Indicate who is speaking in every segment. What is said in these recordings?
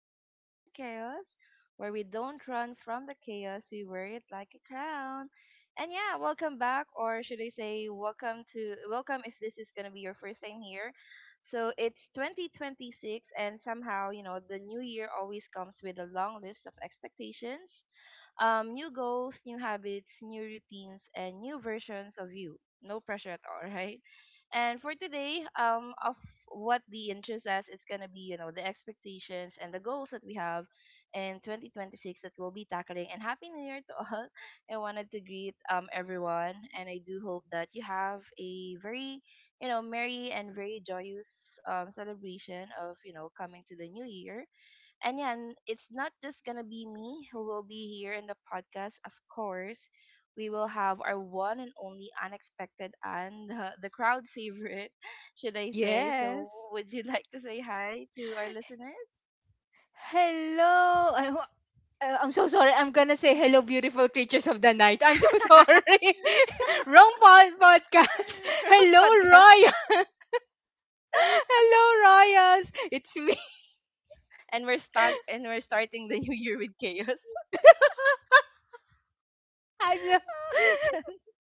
Speaker 1: to Crowned in Chaos, where we don't run from the chaos, we wear it like a crown. And yeah, welcome back, or should I say, welcome to welcome if this is gonna be your first time here. So it's 2026, and somehow, you know, the new year always comes with a long list of expectations, new goals, new habits, new routines, and new versions of you. No pressure at all, right? And for today, of what the interests us, it's gonna be, you know, the expectations and the goals that we have in 2026 that we'll be tackling. And happy New Year to all! I wanted to greet everyone, and I do hope that you have a very, you know, merry and very joyous celebration of, you know, coming to the new year. And yeah, it's not just gonna be me who will be here in the podcast. Of course, we will have our one and only unexpected and, the crowd favorite, should I say. So,
Speaker 2: Yes.
Speaker 1: would you like to say hi to our listeners?
Speaker 2: Hello. I'm so sorry. I'm gonna say hello, beautiful creatures of the night. I'm so sorry. Wrong podcast.
Speaker 1: Wrong
Speaker 2: Hello,
Speaker 1: podcast.
Speaker 2: Roya. Hello, Royas. It's me.
Speaker 1: And we're starting the new year with chaos.
Speaker 2: I just,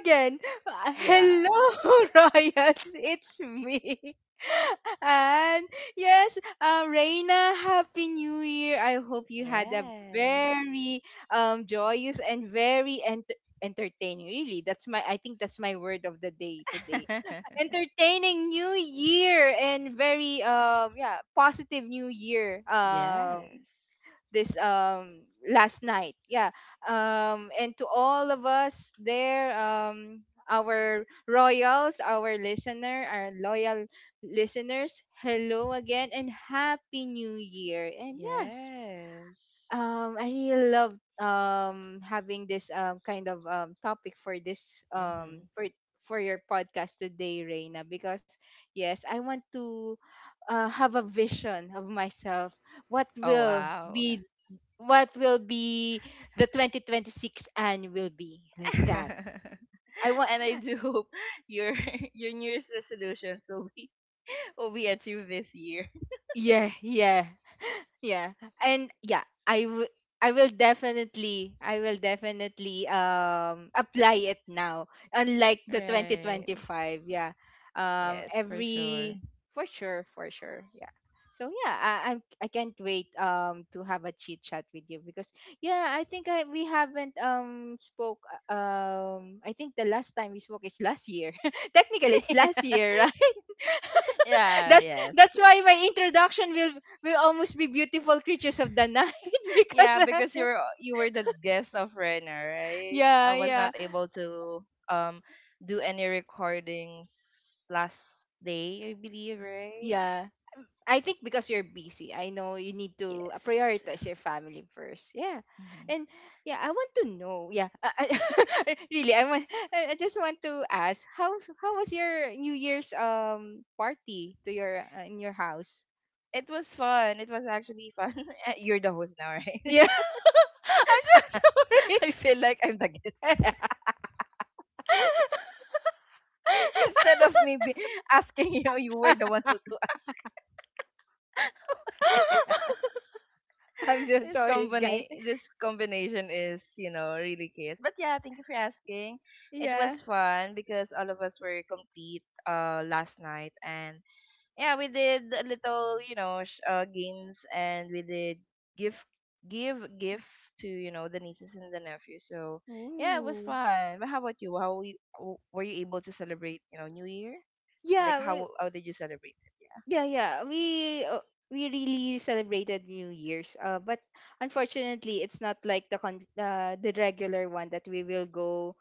Speaker 2: Again,
Speaker 1: Yeah.
Speaker 2: hello, Royals, it's me. And yes, Reina, Happy New Year. I hope you had a
Speaker 1: Yes.
Speaker 2: very joyous and very entertaining, really. That's my, I think that's my word of the day today. Entertaining New Year and very, yeah, positive New Year.
Speaker 1: Yes.
Speaker 2: This last night, yeah. And to all of us there, our royals, our listener, our loyal listeners, hello again, and happy new year. And yes,
Speaker 1: Yes.
Speaker 2: I really love having this kind of topic for this
Speaker 1: Mm-hmm.
Speaker 2: for your podcast today, Reina. Because yes, I want to have a vision of myself. what
Speaker 1: Oh,
Speaker 2: will
Speaker 1: wow.
Speaker 2: be what will be the 2026, and will be like that.
Speaker 1: And
Speaker 2: I want
Speaker 1: I do hope your your New Year's resolutions will be will be achieved this year.
Speaker 2: Yeah, yeah, yeah. And yeah, I will, I will definitely apply it now, unlike the
Speaker 1: Right.
Speaker 2: 2025. Yeah
Speaker 1: Yes, for sure.
Speaker 2: every For sure, for sure, yeah. So yeah, I can't wait to have a chit chat with you. Because yeah, we haven't spoke. I think the last time we spoke is last year. Technically it's last year.
Speaker 1: Yeah,
Speaker 2: that's
Speaker 1: yes.
Speaker 2: that's why my introduction will almost be beautiful creatures of the night. Because
Speaker 1: Yeah, because you were the guest of Renner, right?
Speaker 2: yeah,
Speaker 1: I was
Speaker 2: yeah,
Speaker 1: not able to do any recordings last day, I believe, right?
Speaker 2: yeah. I think because you're busy, I know you need to
Speaker 1: Yes.
Speaker 2: prioritize your family first. Yeah.
Speaker 1: Mhm.
Speaker 2: And yeah, I want to know. Really, I just want to ask, how was your New Year's party to your in your house?
Speaker 1: It was fun. It was actually fun. You're the host now, right?
Speaker 2: Yeah. I'm just sorry.
Speaker 1: I feel like I'm the guest. Instead of me be asking you were the one who to ask.
Speaker 2: I'm just sorry, guys.
Speaker 1: This combination is, you know, really chaos. But yeah, thank you for asking. It was
Speaker 2: Yeah.
Speaker 1: fun because all of us were complete last night, and yeah, we did a little, you know, games, and we did gift gift to, you know, the nieces and the nephews. So, yeah, it was
Speaker 2: Ooh.
Speaker 1: fun. But how about you? How you, were you able to celebrate, you know, New Year? Like
Speaker 2: Yeah.
Speaker 1: how did you celebrate
Speaker 2: Yeah, yeah. We really celebrated New Year's. But unfortunately, it's not like the the regular one that we will go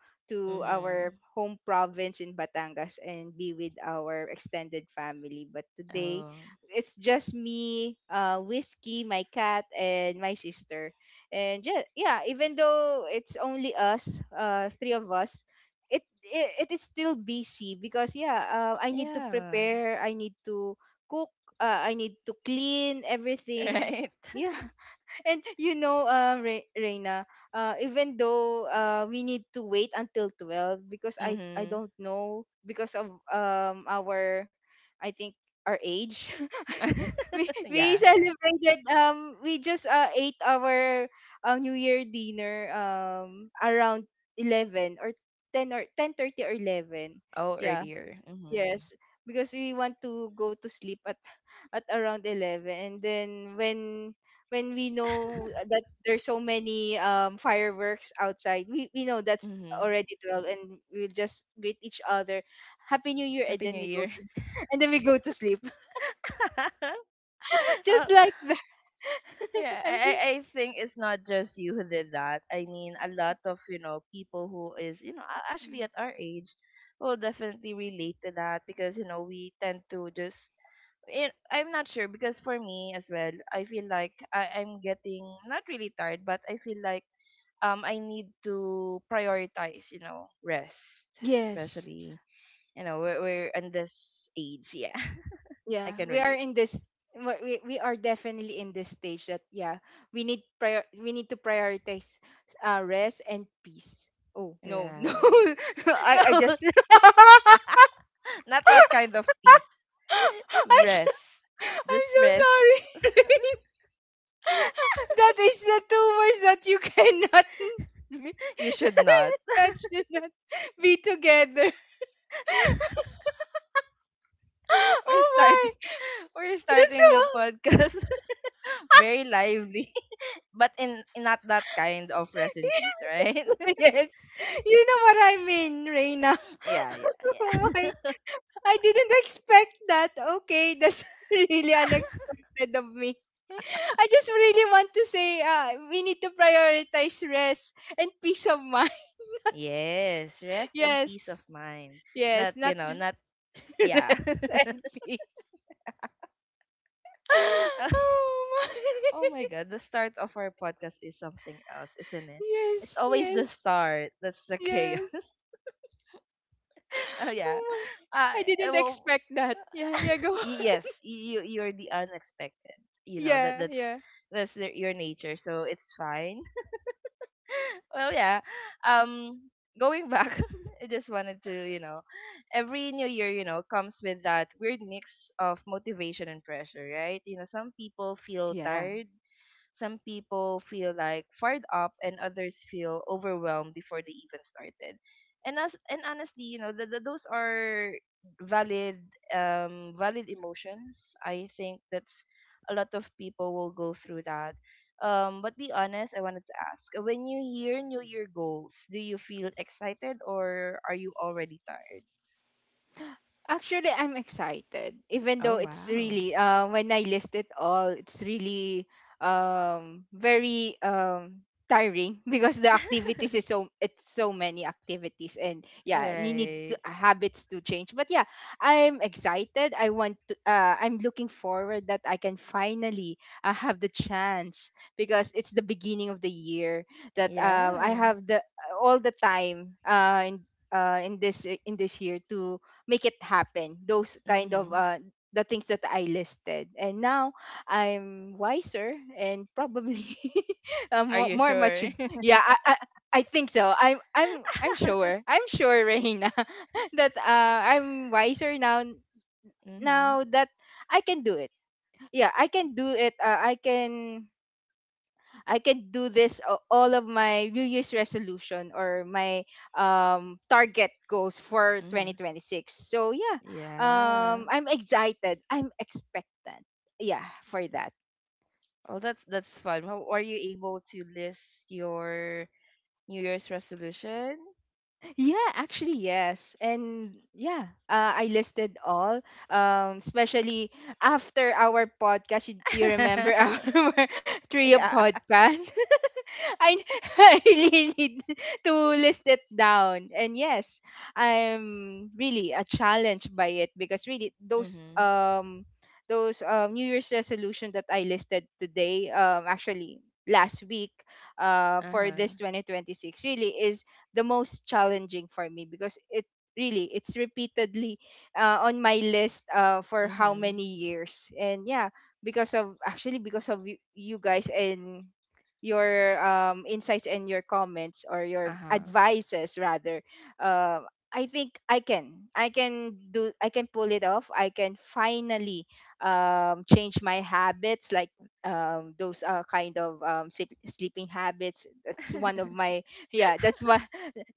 Speaker 1: it?
Speaker 2: to our
Speaker 1: Mhm.
Speaker 2: home province in Batangas and be with our extended family. But today,
Speaker 1: Oh.
Speaker 2: it's just me, whiskey, my cat, and my sister. And yeah, yeah. Even though it's only us, three of us, it is still busy. Because yeah, I need to
Speaker 1: Yeah.
Speaker 2: prepare. I need to cook, I need to clean everything.
Speaker 1: Right.
Speaker 2: Yeah. And you know, Reina, even though we need to wait until 12. Because I
Speaker 1: Mhm.
Speaker 2: don't know, because of our, I think our age. we we
Speaker 1: Yeah, yeah.
Speaker 2: celebrated, we just ate our New Year dinner around 11 or 10 or 10:30 or 11.
Speaker 1: Oh,
Speaker 2: Yeah.
Speaker 1: earlier. Mhm.
Speaker 2: Yes, because we want to go to sleep at at around 11. And then when we know that there's so many fireworks outside, we know that's
Speaker 1: Mhm.
Speaker 2: already 12, and we'll just greet each other. Happy New Year, and
Speaker 1: Happy
Speaker 2: then
Speaker 1: New
Speaker 2: we go
Speaker 1: Year.
Speaker 2: to and then we go to sleep.
Speaker 1: Oh,
Speaker 2: Just like that.
Speaker 1: yeah, I
Speaker 2: I'm so,
Speaker 1: I I think it's not just you who did that. I mean, a lot of, you know, people who is, you know, actually at our age will definitely relate to that, because, you know, we tend to just it, I'm not sure, because for me as well, I feel like I'm getting not really tired, but I feel like I need to prioritize, you know, rest,
Speaker 2: yes.
Speaker 1: especially, you know, we're in this age. Yeah, I
Speaker 2: Yeah,
Speaker 1: can
Speaker 2: we are
Speaker 1: relate.
Speaker 2: in this. We are definitely in this stage that yeah, we need to prioritize rest and peace. Oh no. No,
Speaker 1: Right?
Speaker 2: I
Speaker 1: No,
Speaker 2: just
Speaker 1: not that kind of peace.
Speaker 2: I
Speaker 1: Rest,
Speaker 2: am
Speaker 1: just
Speaker 2: so
Speaker 1: rest.
Speaker 2: sorry. Rain, that is the two words that you cannot
Speaker 1: You should not.
Speaker 2: that should not be together.
Speaker 1: We're
Speaker 2: Oh
Speaker 1: starting.
Speaker 2: my,
Speaker 1: We're
Speaker 2: that's
Speaker 1: starting the
Speaker 2: so.
Speaker 1: podcast very lively, but in not that kind of rest in peace, right?
Speaker 2: Yes. You know what I mean, Reina.
Speaker 1: Yeah, yeah, yeah.
Speaker 2: Oh my, I didn't expect that. Okay, that's really unexpected of me. I just really want to say, we need to prioritize rest and peace of mind.
Speaker 1: Yes, rest and peace
Speaker 2: Yes.
Speaker 1: of mind. Not,
Speaker 2: Yes,
Speaker 1: you
Speaker 2: not
Speaker 1: know,
Speaker 2: just
Speaker 1: not yeah.
Speaker 2: rest and peace. Oh
Speaker 1: Oh
Speaker 2: my.
Speaker 1: my god, the start of our podcast is something else, isn't it? It's
Speaker 2: Yes,
Speaker 1: always the
Speaker 2: yes,
Speaker 1: start. That's the
Speaker 2: yes.
Speaker 1: chaos. Oh yeah.
Speaker 2: Oh
Speaker 1: Uh
Speaker 2: my. I didn't
Speaker 1: well,
Speaker 2: expect that. Yeah, yeah, go.
Speaker 1: yes, you're the unexpected. You know,
Speaker 2: Yeah,
Speaker 1: that's
Speaker 2: yeah.
Speaker 1: that's the- your nature, so it's fine. Well, yeah. Um, going back, I just wanted to, you know, every new year, you know, comes with that weird mix of motivation and pressure, right? You know, some people feel
Speaker 2: Yeah.
Speaker 1: tired, some people feel like fired up, and others feel overwhelmed before they even started. And honestly, you know, those are valid valid emotions. I think that's a lot of people will go through that. But be honest, I wanted to ask, when you hear New Year goals, do you feel excited or are you already tired?
Speaker 2: Actually, I'm excited. Even though
Speaker 1: Oh
Speaker 2: it's
Speaker 1: wow.
Speaker 2: really when I list it all, it's really very tiring. Because the activities is so, it's so many activities, and yeah, you need to,
Speaker 1: Right.
Speaker 2: habits to change. But yeah, I'm excited. I want to I'm looking forward that I can finally have the chance, because it's the beginning of the year that I
Speaker 1: Yeah.
Speaker 2: have the all the time in this year to make it happen, those kind of
Speaker 1: Mhm.
Speaker 2: the things that I listed. And now I'm wiser and probably
Speaker 1: Are you
Speaker 2: more
Speaker 1: sure?
Speaker 2: mature. yeah I, I I think so. I'm sure, Reina. That I'm wiser now.
Speaker 1: Mhm.
Speaker 2: Now that I can do it. Yeah, I can do it. I can do this, all of my New Year's resolution or my target goals for
Speaker 1: Mm-hmm.
Speaker 2: 2026. So yeah,
Speaker 1: Yeah.
Speaker 2: I'm excited. I'm expectant. Yeah, for that.
Speaker 1: Oh, that's fun. How are you able to list your New Year's resolution?
Speaker 2: Yeah, actually, yes. And yeah, I listed all, especially after our podcast. You remember our trio
Speaker 1: Yeah.
Speaker 2: podcast? I, I really need to list it down. And yes, I'm really a challenged by it, because really, those
Speaker 1: Mm-hmm.
Speaker 2: New Year's resolution that I listed today, actually last week, for this
Speaker 1: Uh-huh.
Speaker 2: 2026, really is the most challenging for me. Because it really, it's repeatedly on my list for how
Speaker 1: Mm-hmm.
Speaker 2: many years. And yeah, because of, actually, because of you, you guys, and your insights and your comments, or your
Speaker 1: Uh-huh.
Speaker 2: advices rather, uh, I think I can pull it off. I can finally change my habits, like those kind of sleeping habits. That's one of my, yeah,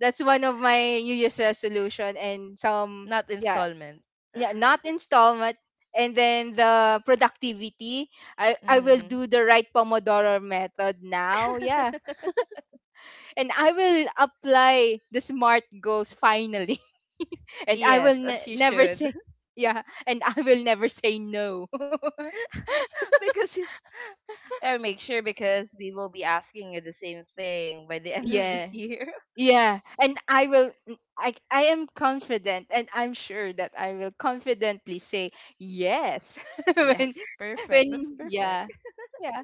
Speaker 2: that's one of my New Year's resolution. And some,
Speaker 1: Not
Speaker 2: yeah,
Speaker 1: installment.
Speaker 2: yeah, not installment. And then the productivity, I will
Speaker 1: Mm-hmm.
Speaker 2: do the right Pomodoro method now. Yeah, and I will apply the smart goals finally. And
Speaker 1: Yes, as you
Speaker 2: never
Speaker 1: should.
Speaker 2: say, yeah, and I will never say no.
Speaker 1: Because you- make sure, because we will be asking you the same thing by the end of this
Speaker 2: yeah
Speaker 1: year.
Speaker 2: Yeah, and I will I am confident, and I'm sure that I will confidently say yes. when
Speaker 1: Yes,
Speaker 2: when
Speaker 1: perfect. That's perfect.
Speaker 2: Yeah. Yeah,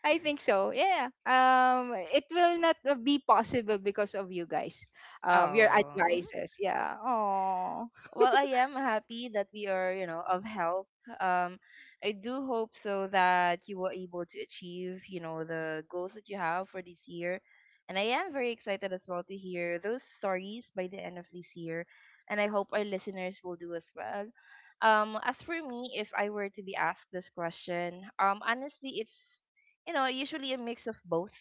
Speaker 2: I think so. Yeah. It will not be possible because of you guys. Your
Speaker 1: Oh.
Speaker 2: advices. Yeah. Oh.
Speaker 1: Well, I am happy that we are, you know, of help. Um, I do hope so that you were able to achieve, you know, the goals that you have for this year. And I am very excited as well to hear those stories by the end of this year. And I hope our listeners will do as well. As for me, if I were to be asked this question, honestly, it's, you know, usually a mix of both,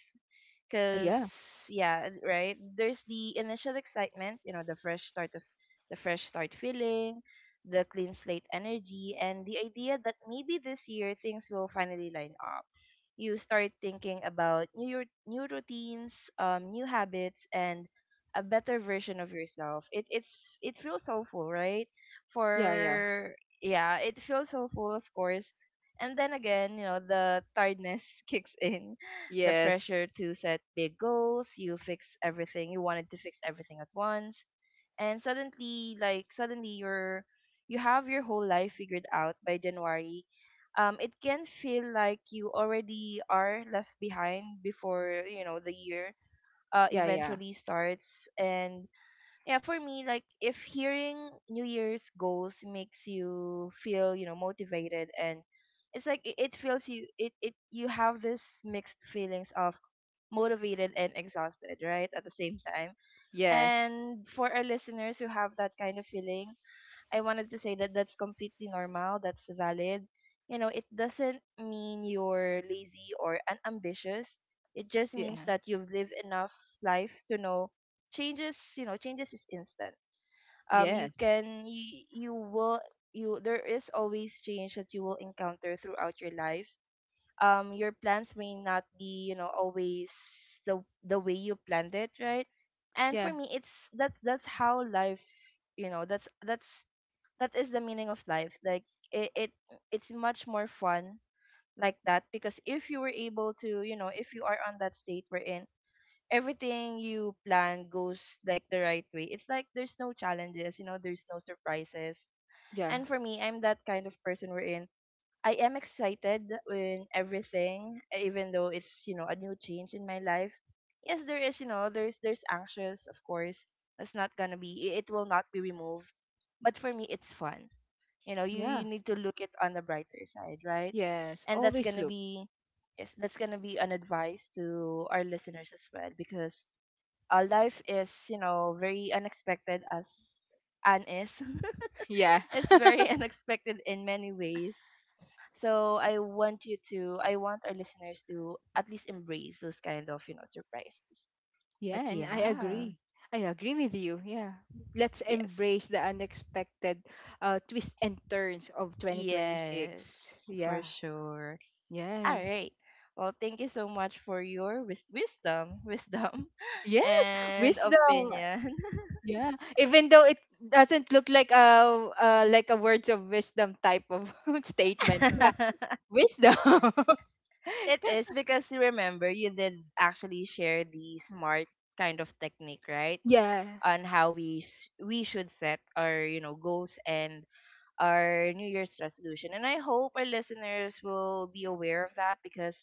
Speaker 1: because
Speaker 2: Yeah.
Speaker 1: yeah, right, there's the initial excitement, you know, the fresh start feeling, the clean slate energy, and the idea that maybe this year things will finally line up. You start thinking about new routines, new habits, and a better version of yourself. It feels so full, right?
Speaker 2: Yeah, yeah.
Speaker 1: For yeah, it feels so full, of course. And then again, you know, the tiredness kicks in, the
Speaker 2: Yes.
Speaker 1: pressure to set big goals, you fix everything, you wanted to fix everything at once, and suddenly you're, you have your whole life figured out by January. It can feel like you already are left behind before you know the year
Speaker 2: Yeah, yeah.
Speaker 1: eventually starts. And yeah, for me, like if hearing New Year's goals makes you feel, you know, motivated, and it's like it feels you it, you have this mixed feelings of motivated and exhausted, right? At the same time.
Speaker 2: Yes.
Speaker 1: And for our listeners who have that kind of feeling, I wanted to say that that's completely normal, that's valid. You know, it doesn't mean you're lazy or unambitious. It just means
Speaker 2: Yeah.
Speaker 1: that you've lived enough life to know changes, you know, changes is instant. Um,
Speaker 2: Yes.
Speaker 1: you will you there is always change that you will encounter throughout your life. Um, your plans may not be, you know, always the way you planned it, right? And
Speaker 2: Yeah.
Speaker 1: for me, it's that's how life, you know, that's that is the meaning of life. Like it, it it's much more fun like that, because if you were able to, you know, if you are on that state we're in, everything you plan goes like the right way, it's like there's no challenges, you know, there's no surprises.
Speaker 2: Yeah.
Speaker 1: And for me, I'm that kind of person wherein I am excited in everything, even though it's, you know, a new change in my life. Yes, there is, you know, there's anxious, of course. It will not be removed, but for me it's fun. You know, you
Speaker 2: Yeah.
Speaker 1: need to look it on the brighter side, right?
Speaker 2: Yes.
Speaker 1: And that's
Speaker 2: Always
Speaker 1: gonna
Speaker 2: look.
Speaker 1: be, yes, that's gonna be an advice to our listeners as well, because life is, you know, very unexpected as Anne is.
Speaker 2: Yeah.
Speaker 1: It's very unexpected in many ways, so I want you to, I want our listeners to at least embrace those kind of, you know, surprises. But
Speaker 2: Yeah, and I
Speaker 1: yeah,
Speaker 2: agree. I agree with you. Yeah. Let's
Speaker 1: yes.
Speaker 2: embrace the unexpected twists and turns of
Speaker 1: Yes,
Speaker 2: 2026.
Speaker 1: for
Speaker 2: Yeah.
Speaker 1: sure. All
Speaker 2: Yes.
Speaker 1: right. Well, thank you so much for your wisdom,
Speaker 2: Yes.
Speaker 1: and
Speaker 2: Wisdom.
Speaker 1: opinion.
Speaker 2: Yeah. Even though it doesn't look like a words of wisdom type of statement. Yeah. Wisdom.
Speaker 1: It is because you remember you did actually share the smart kind of technique, right?
Speaker 2: Yeah.
Speaker 1: On how we should set our, you know, goals and our New Year's resolution. And I hope our listeners will be aware of that, because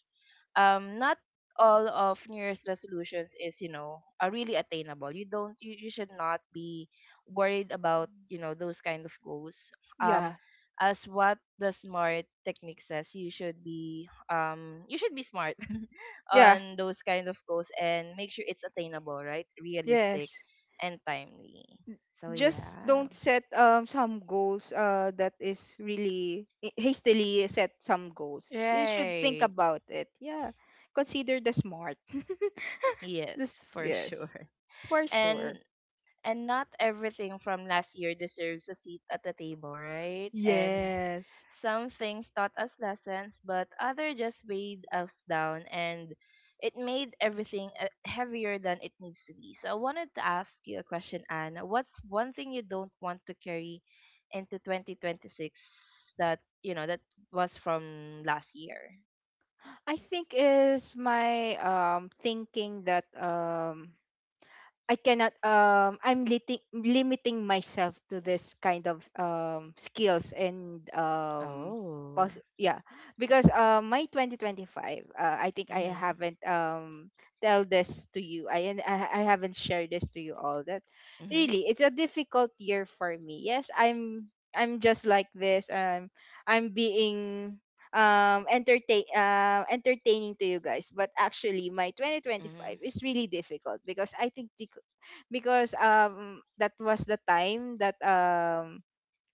Speaker 1: not all of New Year's resolutions is, you know, are really attainable. You don't, you should not be worried about, you know, those kind of goals. Um,
Speaker 2: Yeah.
Speaker 1: as what the smart technique says, you should be smart
Speaker 2: Yeah.
Speaker 1: on those kind of goals and make sure it's attainable, right? Realistic
Speaker 2: Yes.
Speaker 1: and timely. So
Speaker 2: Just
Speaker 1: yeah.
Speaker 2: don't set some goals that is really, hastily set some goals. You should think
Speaker 1: Right.
Speaker 2: about it. Yeah. Consider the smart.
Speaker 1: Yes,
Speaker 2: This,
Speaker 1: for
Speaker 2: yes.
Speaker 1: sure.
Speaker 2: For sure.
Speaker 1: And and not everything from last year deserves a seat at the table, right? And
Speaker 2: Yes.
Speaker 1: some things taught us lessons, but other just weighed us down, and it made everything heavier than it needs to be. So I wanted to ask you a question, Anne. What's one thing you don't want to carry into 2026 that, you know, that was from last year?
Speaker 2: I think is my thinking that I cannot I'm limiting limiting myself to this kind of skills and
Speaker 1: Oh.
Speaker 2: yeah. Because my 2025, I think I
Speaker 1: Mhm.
Speaker 2: haven't tell this to you. I haven't shared this to you all, that
Speaker 1: Mhm.
Speaker 2: really it's a difficult year for me. Yes, I'm just like this I'm being entertaining to you guys, but actually my 2025
Speaker 1: Mhm.
Speaker 2: is really difficult. Because I think because that was the time that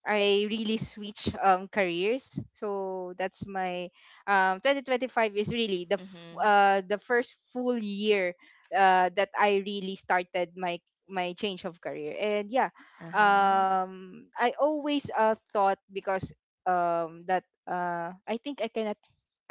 Speaker 2: I really switch careers. So that's my 2025 is really the
Speaker 1: Mhm.
Speaker 2: the first full year that I really started my change of career. And yeah,
Speaker 1: Uh-huh.
Speaker 2: I always thought, because that I think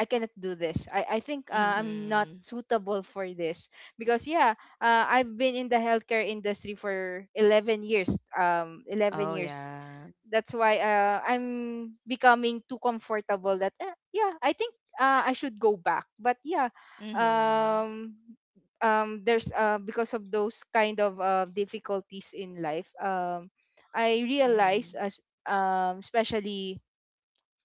Speaker 2: I cannot do this. I think I'm not
Speaker 1: Mhm.
Speaker 2: suitable for this. Because yeah, I've been in the healthcare industry for 11 years. 11
Speaker 1: Oh,
Speaker 2: years.
Speaker 1: yeah.
Speaker 2: That's why I'm becoming too comfortable that yeah, I think I should go back. But yeah,
Speaker 1: Mhm.
Speaker 2: um, there's because of those kind of difficulties in life, I realize
Speaker 1: Mhm.
Speaker 2: as especially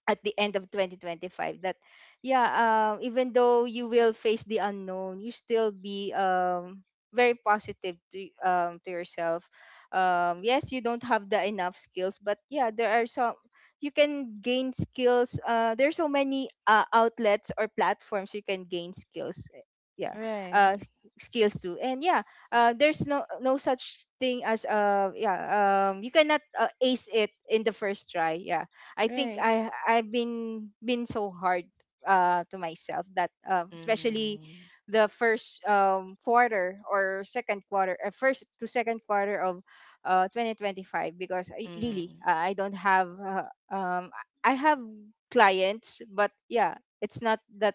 Speaker 2: at the end of 2025 that yeah, even though you will face the unknown, you still be very positive to yourself. Um, yes, you don't have the enough skills, but yeah, there are some you can gain skills. There's so many outlets or platforms you can gain skills, yeah, uh
Speaker 1: Right.
Speaker 2: s- skills too. And yeah, there's no such thing as yeah, you cannot ace it in the first try. Yeah, I think
Speaker 1: Right.
Speaker 2: I've been so hard to myself that, especially
Speaker 1: Mhm.
Speaker 2: the first quarter or second quarter, first to second quarter of 2025, because I really,
Speaker 1: Mhm.
Speaker 2: I don't have um I have clients, but yeah, it's not that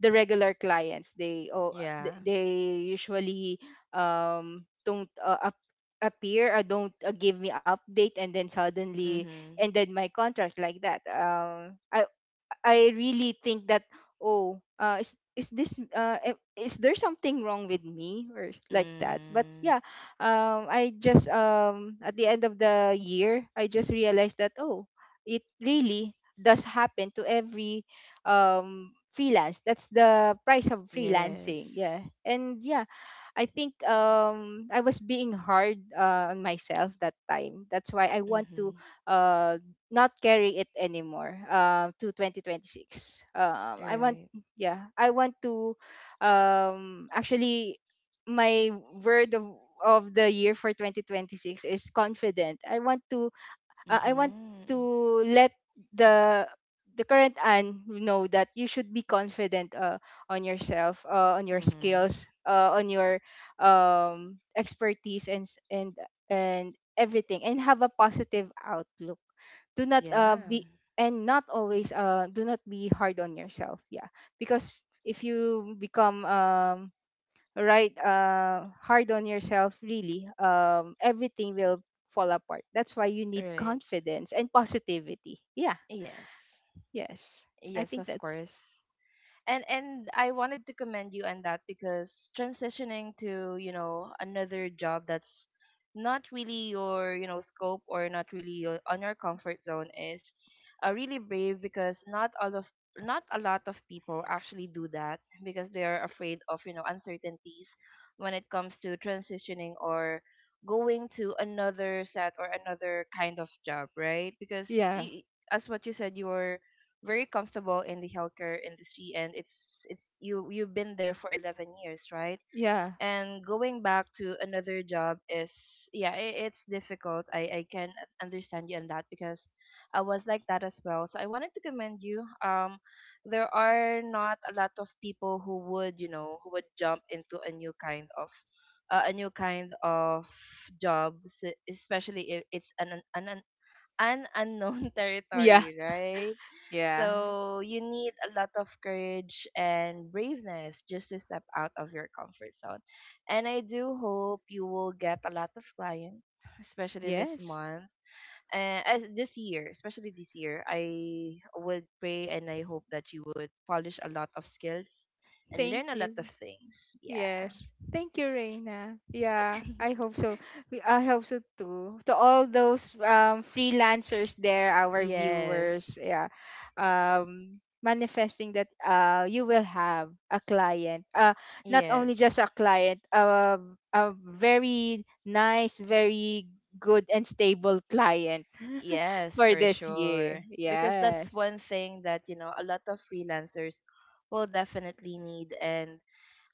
Speaker 2: the regular clients. They, oh,
Speaker 1: Yeah.
Speaker 2: they usually don't appear or don't give me update, and then suddenly
Speaker 1: Mhm.
Speaker 2: ended my contract like that. I really think that, oh, is this is there something wrong with me or like that? But
Speaker 1: Mm.
Speaker 2: yeah, I just, at the end of the year I just realized that, oh, it really does happen to every freelance. That's the price of
Speaker 1: Yes.
Speaker 2: freelancing. Yeah, and yeah, I think I was being hard on myself that time. That's why I want to
Speaker 1: Mhm.
Speaker 2: uh not carry it anymore to 2026. Um, I want,
Speaker 1: Right.
Speaker 2: yeah, I want to, actually, my word of the year for 2026 is confident. I want to
Speaker 1: Mhm.
Speaker 2: let the the current Anne know that you should be confident on yourself, on your
Speaker 1: Mhm.
Speaker 2: skills, on your expertise and and everything, and have a positive outlook. Do not
Speaker 1: Yeah.
Speaker 2: be and not always do not be hard on yourself. Yeah, because if you become, right hard on yourself, really, everything will fall apart. That's why you need
Speaker 1: Right.
Speaker 2: confidence and positivity. Yeah.
Speaker 1: Yes.
Speaker 2: Yes, I
Speaker 1: Yes,
Speaker 2: think
Speaker 1: of
Speaker 2: that's,
Speaker 1: course. And I wanted to commend you on that because transitioning to another job that's not really your, scope, or not really your, on your comfort zone is really brave, because not all of, not a lot of people actually do that because they are afraid of uncertainties when it comes to transitioning or going to another set or another kind of job, right?
Speaker 2: yeah,
Speaker 1: As what you said, you are very comfortable in the healthcare industry, and it's you've been there for 11 years, right?
Speaker 2: yeah,
Speaker 1: And going back to another job is, yeah, it's difficult. I can understand you on that because I was like that as well. So I wanted to commend you. There are not a lot of people who would, who would jump into a new kind of a new kind of job, especially if it's an an unknown
Speaker 2: yeah,
Speaker 1: territory, right?
Speaker 2: yeah,
Speaker 1: So you need a lot of courage and braveness just to step out of your comfort zone. And I do hope you will get a lot of clients, especially this
Speaker 2: yes,
Speaker 1: month. As this year, especially this year, I would pray and I hope that you would polish a lot of skills and
Speaker 2: thank
Speaker 1: learn a
Speaker 2: you.
Speaker 1: lot of things. Yeah.
Speaker 2: Yes. Thank you, Reina. Yeah, I hope so. We- I hope so too. To all those freelancers there, our
Speaker 1: Yes.
Speaker 2: viewers, yeah, manifesting that you will have a client. Not
Speaker 1: Yes.
Speaker 2: only just a client, a very nice, very good and stable client
Speaker 1: Yes,
Speaker 2: for
Speaker 1: for
Speaker 2: this year.
Speaker 1: sure. Because that's
Speaker 2: Yes.
Speaker 1: one thing that, a lot of freelancers will definitely need. And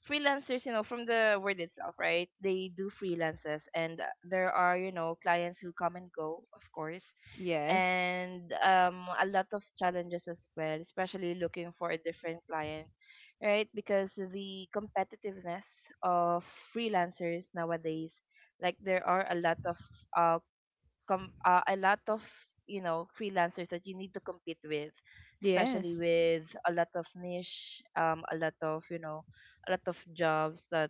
Speaker 1: freelancers, you know, from the word itself, right? They do freelances. And there are, you know, clients who come and go, of course.
Speaker 2: Yes.
Speaker 1: And a lot of challenges as well, especially looking for a different client, right? Because the competitiveness of freelancers nowadays, like there are a lot of uh, a lot of, freelancers that you need to compete with, especially
Speaker 2: Yes.
Speaker 1: with a lot of niche, a lot of, a lot of jobs that,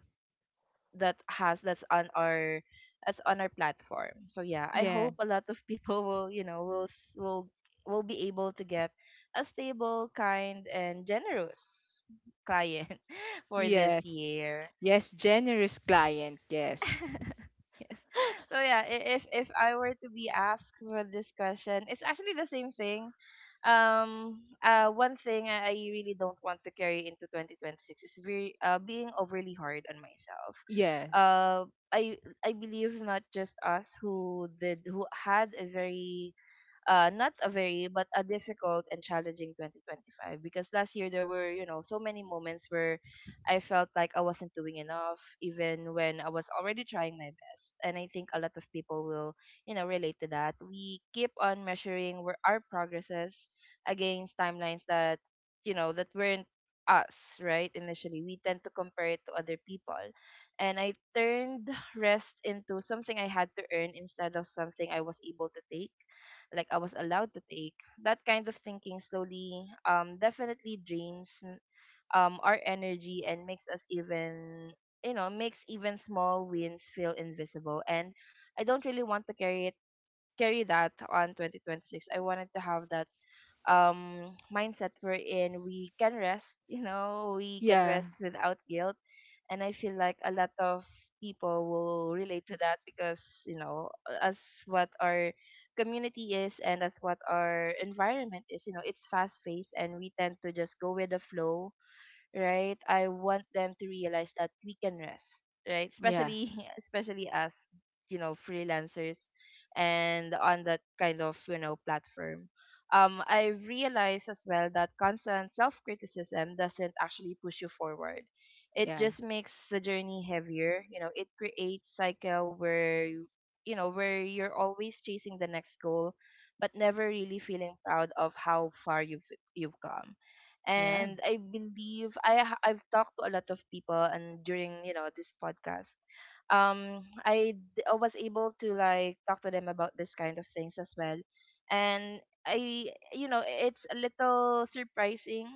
Speaker 1: that has that's on our, that's on our platform. So yeah, I
Speaker 2: Yeah.
Speaker 1: hope a lot of people will, will will be able to get a stable, kind and generous client for this
Speaker 2: Yes.
Speaker 1: year.
Speaker 2: Yes, generous client. Yes.
Speaker 1: Yes. So yeah, if I were to be asked for this question, it's actually the same thing. One thing I really don't want to carry into 2026 is very being overly hard on myself.
Speaker 2: Yes.
Speaker 1: Uh, I believe not just us who did, who had a very, not a very, but a difficult and challenging 2025. Because last year, there were, you know, so many moments where I felt like I wasn't doing enough, even when I was already trying my best. And I think a lot of people will, relate to that. We keep on measuring where our progresses against timelines that, you know, that weren't us, right? Initially we tend to compare it to other people. And I turned rest into something I had to earn instead of something I was able to take, like I was allowed to take. That kind of thinking slowly, definitely drains, our energy and makes us even, you know, makes even small wins feel invisible. And I don't really want to carry that on 2026. I wanted to have that mindset we're in, we can rest. You know, we can
Speaker 2: Yeah.
Speaker 1: rest without guilt. And I feel like a lot of people will relate to that, because, you know, as what our community is, and as what our environment is, you know, it's fast paced and we tend to just go with the flow, right? I want them to realize that we can rest, right?
Speaker 2: Yeah.
Speaker 1: Especially especially as, you know, freelancers and on that kind of, you know, platform. I realize as well that constant self criticism doesn't actually push you forward. It
Speaker 2: Yeah.
Speaker 1: just makes the journey heavier. You know, it creates cycle where where you're always chasing the next goal, but never really feeling proud of how far you've come.
Speaker 2: Yeah.
Speaker 1: And I believe I've talked to a lot of people, and during, you know, this podcast, I was able to like talk to them about this kind of things as well. And I, you know, it's a little surprising,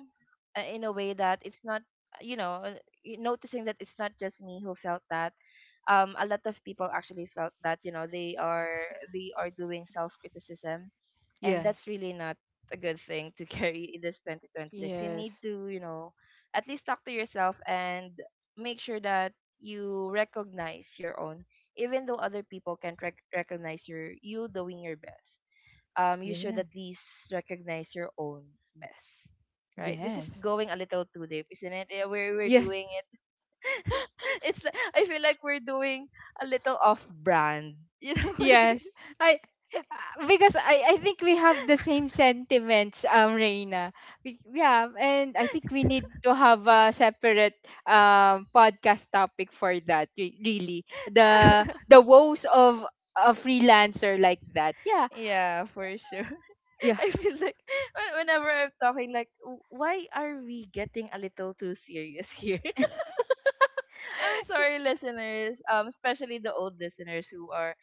Speaker 1: in a way, that it's not, you know, noticing that it's not just me who felt that, a lot of people actually felt that, you know, they are, they are doing self criticism. And that's
Speaker 2: Yes.
Speaker 1: really not a good thing to carry in this 2026. You need
Speaker 2: Yes.
Speaker 1: to, you know, at least talk to yourself and make sure that you recognize your own, even though other people can't recognize your, you doing your best, you should
Speaker 2: Yeah.
Speaker 1: at least recognize your own best, right? This is
Speaker 2: Yes.
Speaker 1: going a little too deep, isn't it? Yeah, we're
Speaker 2: Yeah.
Speaker 1: doing it. It's like, I feel like we're doing a little off brand, you know. We're doing...
Speaker 2: Yes. I, uh, because I think we have the same sentiments, Reina. We, yeah, and I think we need to have a separate podcast topic for that. Really, the woes of a freelancer like that. Yeah.
Speaker 1: Yeah, for sure.
Speaker 2: Yeah.
Speaker 1: I feel like whenever I'm talking, like, Why are we getting a little too serious here? I'm sorry, listeners, especially the old listeners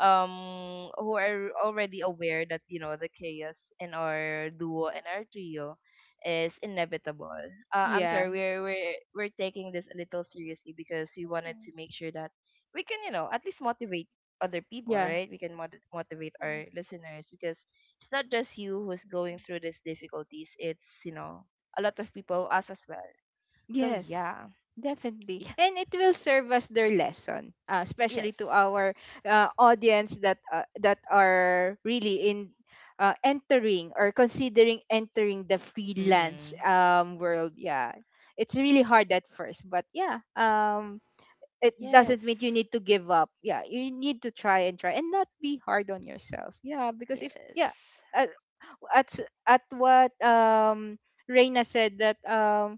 Speaker 1: who are already aware that, you know, the chaos in our duo and our trio is inevitable. I'm
Speaker 2: Yeah.
Speaker 1: sorry, we're taking this a little seriously because we wanted to make sure that we can, you know, at least motivate other people,
Speaker 2: Yeah.
Speaker 1: right? We can motivate our listeners, because it's not just you who's going through these difficulties. It's, you know, a lot of people, us as well. So
Speaker 2: Yes,
Speaker 1: yeah,
Speaker 2: definitely.
Speaker 1: yeah,
Speaker 2: And it will serve as their lesson, especially
Speaker 1: yes.
Speaker 2: to our audience that that are really in entering or considering entering the freelance
Speaker 1: Mm-hmm.
Speaker 2: world. Yeah. It's really hard at first, but yeah, it
Speaker 1: Yes.
Speaker 2: doesn't mean you need to give up. Yeah, you need to try and try and not be hard on yourself. Yeah, because if, yeah,
Speaker 1: Yes.
Speaker 2: at, at, at what Reina said, that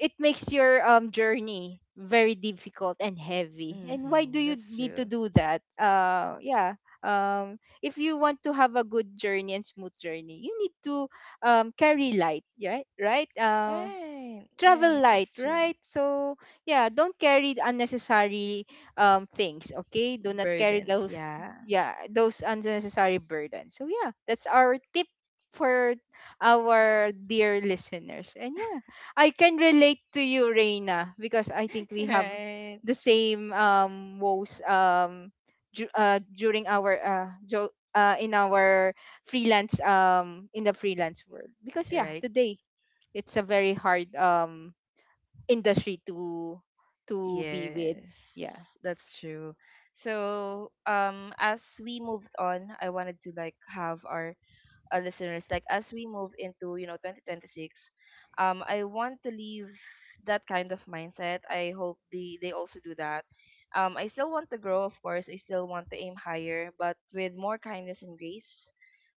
Speaker 2: it makes your journey very difficult and heavy. And why do
Speaker 1: Mm-hmm.
Speaker 2: you
Speaker 1: That's
Speaker 2: need to
Speaker 1: true.
Speaker 2: do that? Yeah. Um, if you want to have a good journey and smooth journey, you need to carry light, right? Right? Um,
Speaker 1: Right.
Speaker 2: travel
Speaker 1: Right.
Speaker 2: light,
Speaker 1: That's true.
Speaker 2: right? So yeah, don't carry unnecessary things, okay? Do not carry
Speaker 1: Burdens,
Speaker 2: those,
Speaker 1: yeah.
Speaker 2: yeah, those unnecessary burdens. So, yeah, that's our tip for our dear listeners. And yeah, I can relate to you, Reina, because I think we have
Speaker 1: Right.
Speaker 2: the same woes, during our in our freelance, in the freelance world, because yeah,
Speaker 1: Right?
Speaker 2: today it's a very hard industry to be with.
Speaker 1: Yes.
Speaker 2: Yeah.
Speaker 1: That's true. So, as we moved on, I wanted to like have our listeners, like, as we move into, you know, 2026, I want to leave that kind of mindset. I hope they also do that. I still want to grow, of course. I still want to aim higher, but with more kindness and grace.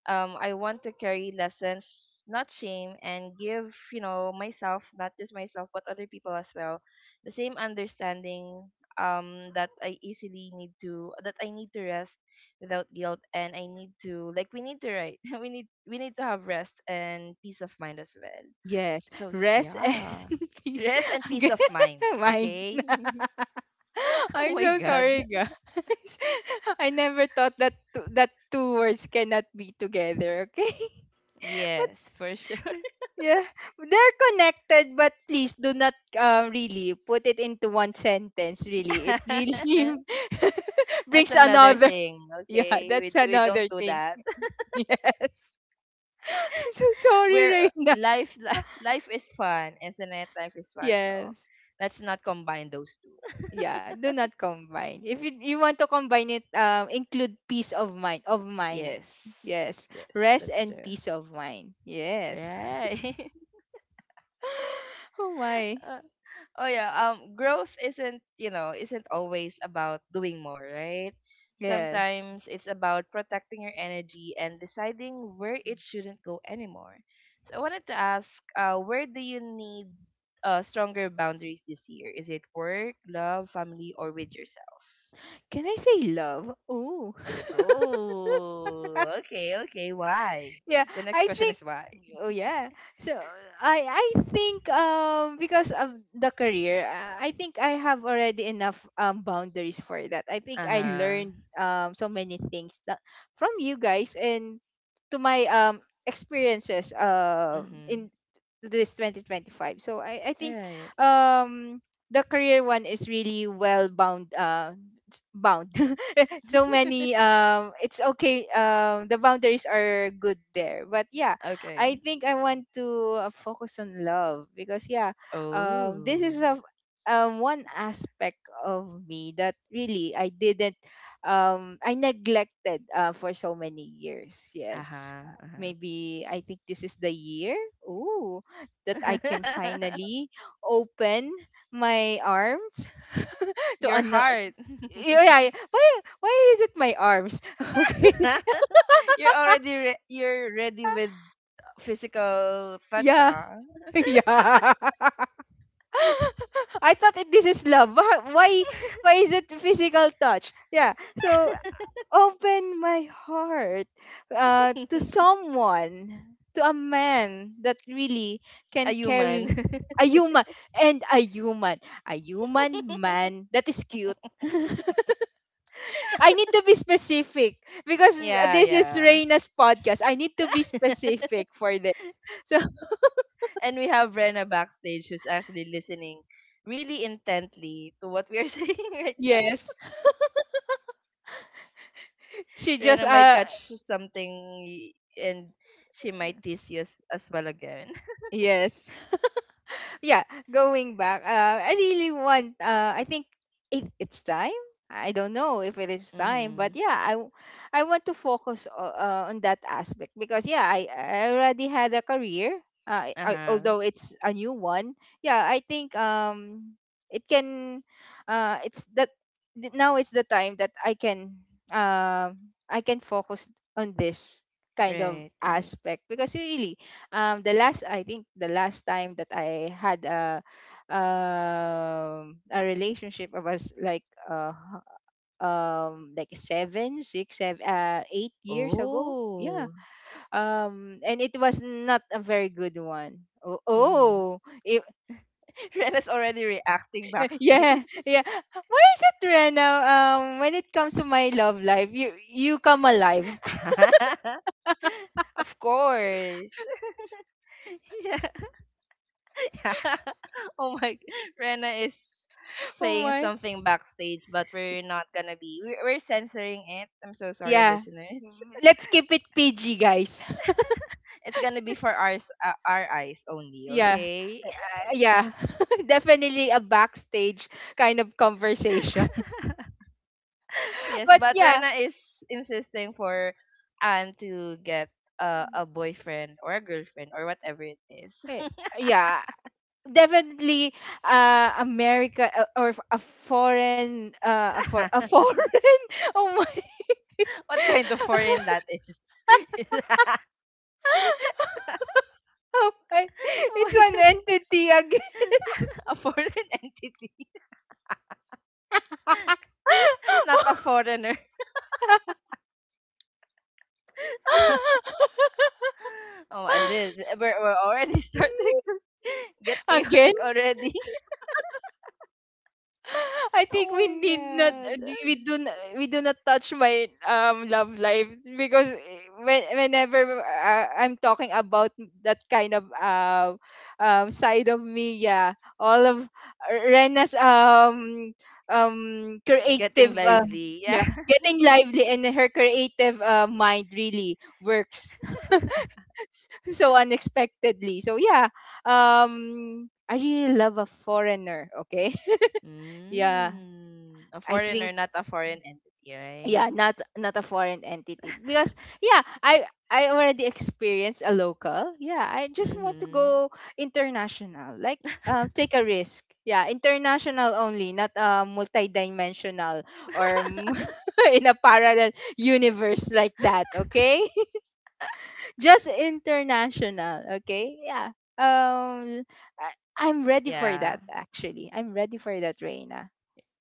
Speaker 1: I want to carry lessons, not shame, and give, you know, myself, not just myself, but other people as well, the same understanding, that I easily need to that I need to rest without guilt. And I need to like, we need to write, we need, we need to have rest and peace of mind as well.
Speaker 2: Yes.
Speaker 1: So
Speaker 2: Rest and
Speaker 1: yeah,
Speaker 2: peace.
Speaker 1: rest and peace
Speaker 2: Okay.
Speaker 1: of mind.
Speaker 2: Mine.
Speaker 1: Okay. Oh
Speaker 2: I'm
Speaker 1: my
Speaker 2: so
Speaker 1: God.
Speaker 2: sorry, guys. I never thought that two words cannot be together. Okay. But
Speaker 1: Yes, for sure.
Speaker 2: yeah, they're connected, but please do not really put it into one sentence. Really, it really
Speaker 1: That's
Speaker 2: brings
Speaker 1: another
Speaker 2: another.
Speaker 1: thing,
Speaker 2: Yeah,
Speaker 1: okay?
Speaker 2: that's
Speaker 1: We don't
Speaker 2: another
Speaker 1: do
Speaker 2: thing.
Speaker 1: that.
Speaker 2: Yes. I'm so sorry,
Speaker 1: Where
Speaker 2: Reina.
Speaker 1: life life is fun, isn't it? Life is fun. So
Speaker 2: Yes.
Speaker 1: let's not combine those two.
Speaker 2: Yeah, do not combine. If you, you want to combine it, include peace of mind. Of mind.
Speaker 1: Yes.
Speaker 2: Yes.
Speaker 1: Yes,
Speaker 2: Rest
Speaker 1: that's
Speaker 2: and
Speaker 1: true.
Speaker 2: peace of mind. Yes.
Speaker 1: Right.
Speaker 2: Oh my.
Speaker 1: Uh, oh yeah, growth isn't, you know, isn't always about doing more, right?
Speaker 2: Yes.
Speaker 1: Sometimes it's about protecting your energy and deciding where it shouldn't go anymore. So I wanted to ask, where do you need stronger boundaries this year? Is it work, love, family or with yourself?
Speaker 2: Can I say love? Oh.
Speaker 1: Oh, okay, okay. Why?
Speaker 2: Yeah,
Speaker 1: The next
Speaker 2: I
Speaker 1: question
Speaker 2: think,
Speaker 1: is why.
Speaker 2: oh yeah, so, I think, because of the career, I think I have already enough boundaries for that. I think
Speaker 1: Uh
Speaker 2: I
Speaker 1: huh.
Speaker 2: learned so many things, that from you guys and to my experiences
Speaker 1: Mhm.
Speaker 2: in this 2025. So, I think
Speaker 1: Right.
Speaker 2: um the career one is really well bound, bound so many, it's okay, the boundaries are good there. But yeah,
Speaker 1: Okay.
Speaker 2: I think I want to focus on love, because yeah, this
Speaker 1: Oh.
Speaker 2: is a, one aspect of me that really I didn't, I neglected for so many years.
Speaker 1: Uh
Speaker 2: Yes.
Speaker 1: huh. Uh
Speaker 2: Maybe I think this is the year, ooh, that I
Speaker 1: huh.
Speaker 2: can finally open my arms to
Speaker 1: Your
Speaker 2: ano,
Speaker 1: heart.
Speaker 2: yeah, yeah, yeah. Why is it my arms? Okay.
Speaker 1: You're already you're ready with physical touch,
Speaker 2: Yeah.
Speaker 1: huh?
Speaker 2: Yeah. I thought it, this is love. Why is it physical touch? Yeah. So, open my heart to someone, to a man that really
Speaker 1: A
Speaker 2: can
Speaker 1: human.
Speaker 2: carry a human, and a human man that is cute. I need to be specific because
Speaker 1: Yeah,
Speaker 2: this is
Speaker 1: yeah.
Speaker 2: Reina's podcast. I need to be specific for this. So
Speaker 1: And we have Rena backstage who's actually listening really intently to what we are saying, right.
Speaker 2: yes, she just,
Speaker 1: Rena might
Speaker 2: uh,
Speaker 1: catch something, and she might tease you as well again.
Speaker 2: yes, yeah, going back, I really want. I think it, it's time. I don't know if it is time, but
Speaker 1: Mhm.
Speaker 2: yeah, I, w- I want to focus on that aspect, because yeah, I already had a career. I,
Speaker 1: Uh-huh.
Speaker 2: although it's a new one, yeah, I think it can, it's that, now it's the time that I can, I can focus on this kind of
Speaker 1: Right, right.
Speaker 2: aspect, because really, the last, I think the last time that I had a relationship, I was like seven 8 years ago, yeah,
Speaker 1: Oh.
Speaker 2: and it was not a very good one. Oh,
Speaker 1: Mhm.
Speaker 2: oh, it,
Speaker 1: Rena's already reacting
Speaker 2: yeah,
Speaker 1: backstage.
Speaker 2: yeah. Why is it Rena? When it comes to my love life, you come alive.
Speaker 1: Of course. Yeah. Oh my, Rena is
Speaker 2: Oh
Speaker 1: saying
Speaker 2: my,
Speaker 1: something backstage, but we're not gonna be. We're censoring it. I'm so sorry,
Speaker 2: yeah.
Speaker 1: listeners.
Speaker 2: Let's keep it PG, guys.
Speaker 1: It's gonna be for our our eyes only,
Speaker 2: Yeah.
Speaker 1: okay?
Speaker 2: Yeah, definitely a backstage kind of conversation.
Speaker 1: Yes,
Speaker 2: But
Speaker 1: but
Speaker 2: yeah,
Speaker 1: Rena is insisting for Anne to get a boyfriend or a girlfriend or whatever it is.
Speaker 2: eh, yeah, definitely America or a foreign for a foreign. Oh my.
Speaker 1: What kind of foreign that is?
Speaker 2: Oh my.
Speaker 1: Oh
Speaker 2: It's
Speaker 1: my
Speaker 2: an
Speaker 1: god,
Speaker 2: entity again.
Speaker 1: a foreign entity, not a foreigner. Oh, and then eh, we're already starting to get
Speaker 2: Again.
Speaker 1: chaotic already.
Speaker 2: I think
Speaker 1: Oh
Speaker 2: we need not,
Speaker 1: my god.
Speaker 2: we do not, we do not touch my love life, because eh, when, whenever I'm talking about that kind of side of me, yeah, all of Rena's um
Speaker 1: Getting
Speaker 2: creative,
Speaker 1: lively. Yeah.
Speaker 2: yeah, getting lively, and her creative mind really works so unexpectedly. So yeah, I really love a foreigner, okay? Yeah,
Speaker 1: Mm. A
Speaker 2: I think,
Speaker 1: foreigner, not a foreign entity, right?
Speaker 2: yeah, not, not a foreign entity, because yeah, I already experienced a local. Yeah, I just want to
Speaker 1: Mm-hmm.
Speaker 2: go international, like, take a risk. Yeah, international only, not multidimensional or m- in a parallel universe like that, okay? Just international, okay? Yeah, um I, I'm ready for that.
Speaker 1: Yeah.
Speaker 2: Actually, I'm ready for that, Reina.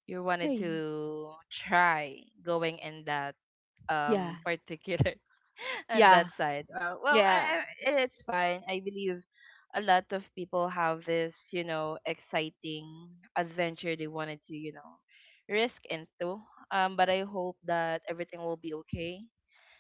Speaker 1: You wanted
Speaker 2: Hey.
Speaker 1: to try going in that
Speaker 2: Yeah,
Speaker 1: particular on
Speaker 2: yeah,
Speaker 1: that side. Well,
Speaker 2: yeah,
Speaker 1: it's fine. I believe a lot of people have this, you know, exciting adventure they wanted to, you know, risk into. But I hope that everything will be okay.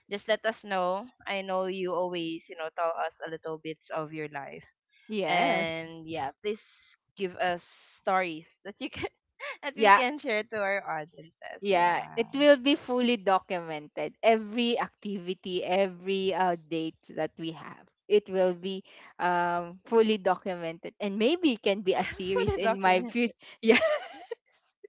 Speaker 1: Just let us know. I know you always, you know, tell us a little bits of your life.
Speaker 2: yes,
Speaker 1: And yeah, please give us stories that you can that we
Speaker 2: yeah.
Speaker 1: can share to our audiences.
Speaker 2: Yeah,
Speaker 1: Yeah.
Speaker 2: it will be fully documented. Every activity, every date that we have, it will be fully documented, and maybe it can be a series
Speaker 1: Fully
Speaker 2: in my future.
Speaker 1: documented.
Speaker 2: Yeah,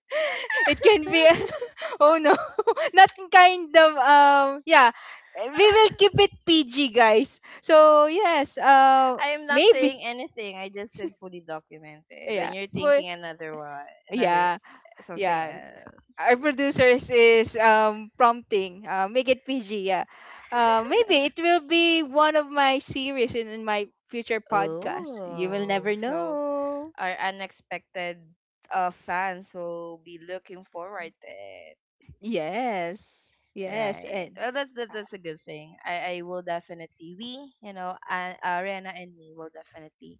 Speaker 2: it can be. A- oh no, not kind of. Yeah, we will keep it PG, guys. So yes,
Speaker 1: I am not saying
Speaker 2: maybe.
Speaker 1: anything. I just said fully documented. Then
Speaker 2: Yeah,
Speaker 1: you're
Speaker 2: for
Speaker 1: thinking another one, another
Speaker 2: yeah.
Speaker 1: something
Speaker 2: Yeah.
Speaker 1: else.
Speaker 2: Our producers is prompting. Make it PG, yeah. Maybe it will be one of my series in my future podcast. You will
Speaker 1: Oh,
Speaker 2: never
Speaker 1: so
Speaker 2: know.
Speaker 1: our unexpected fans will be looking forward to it.
Speaker 2: Yes. Yes.
Speaker 1: Right.
Speaker 2: And
Speaker 1: Well, that, that's a good thing. I will definitely we you know Ariana and me will definitely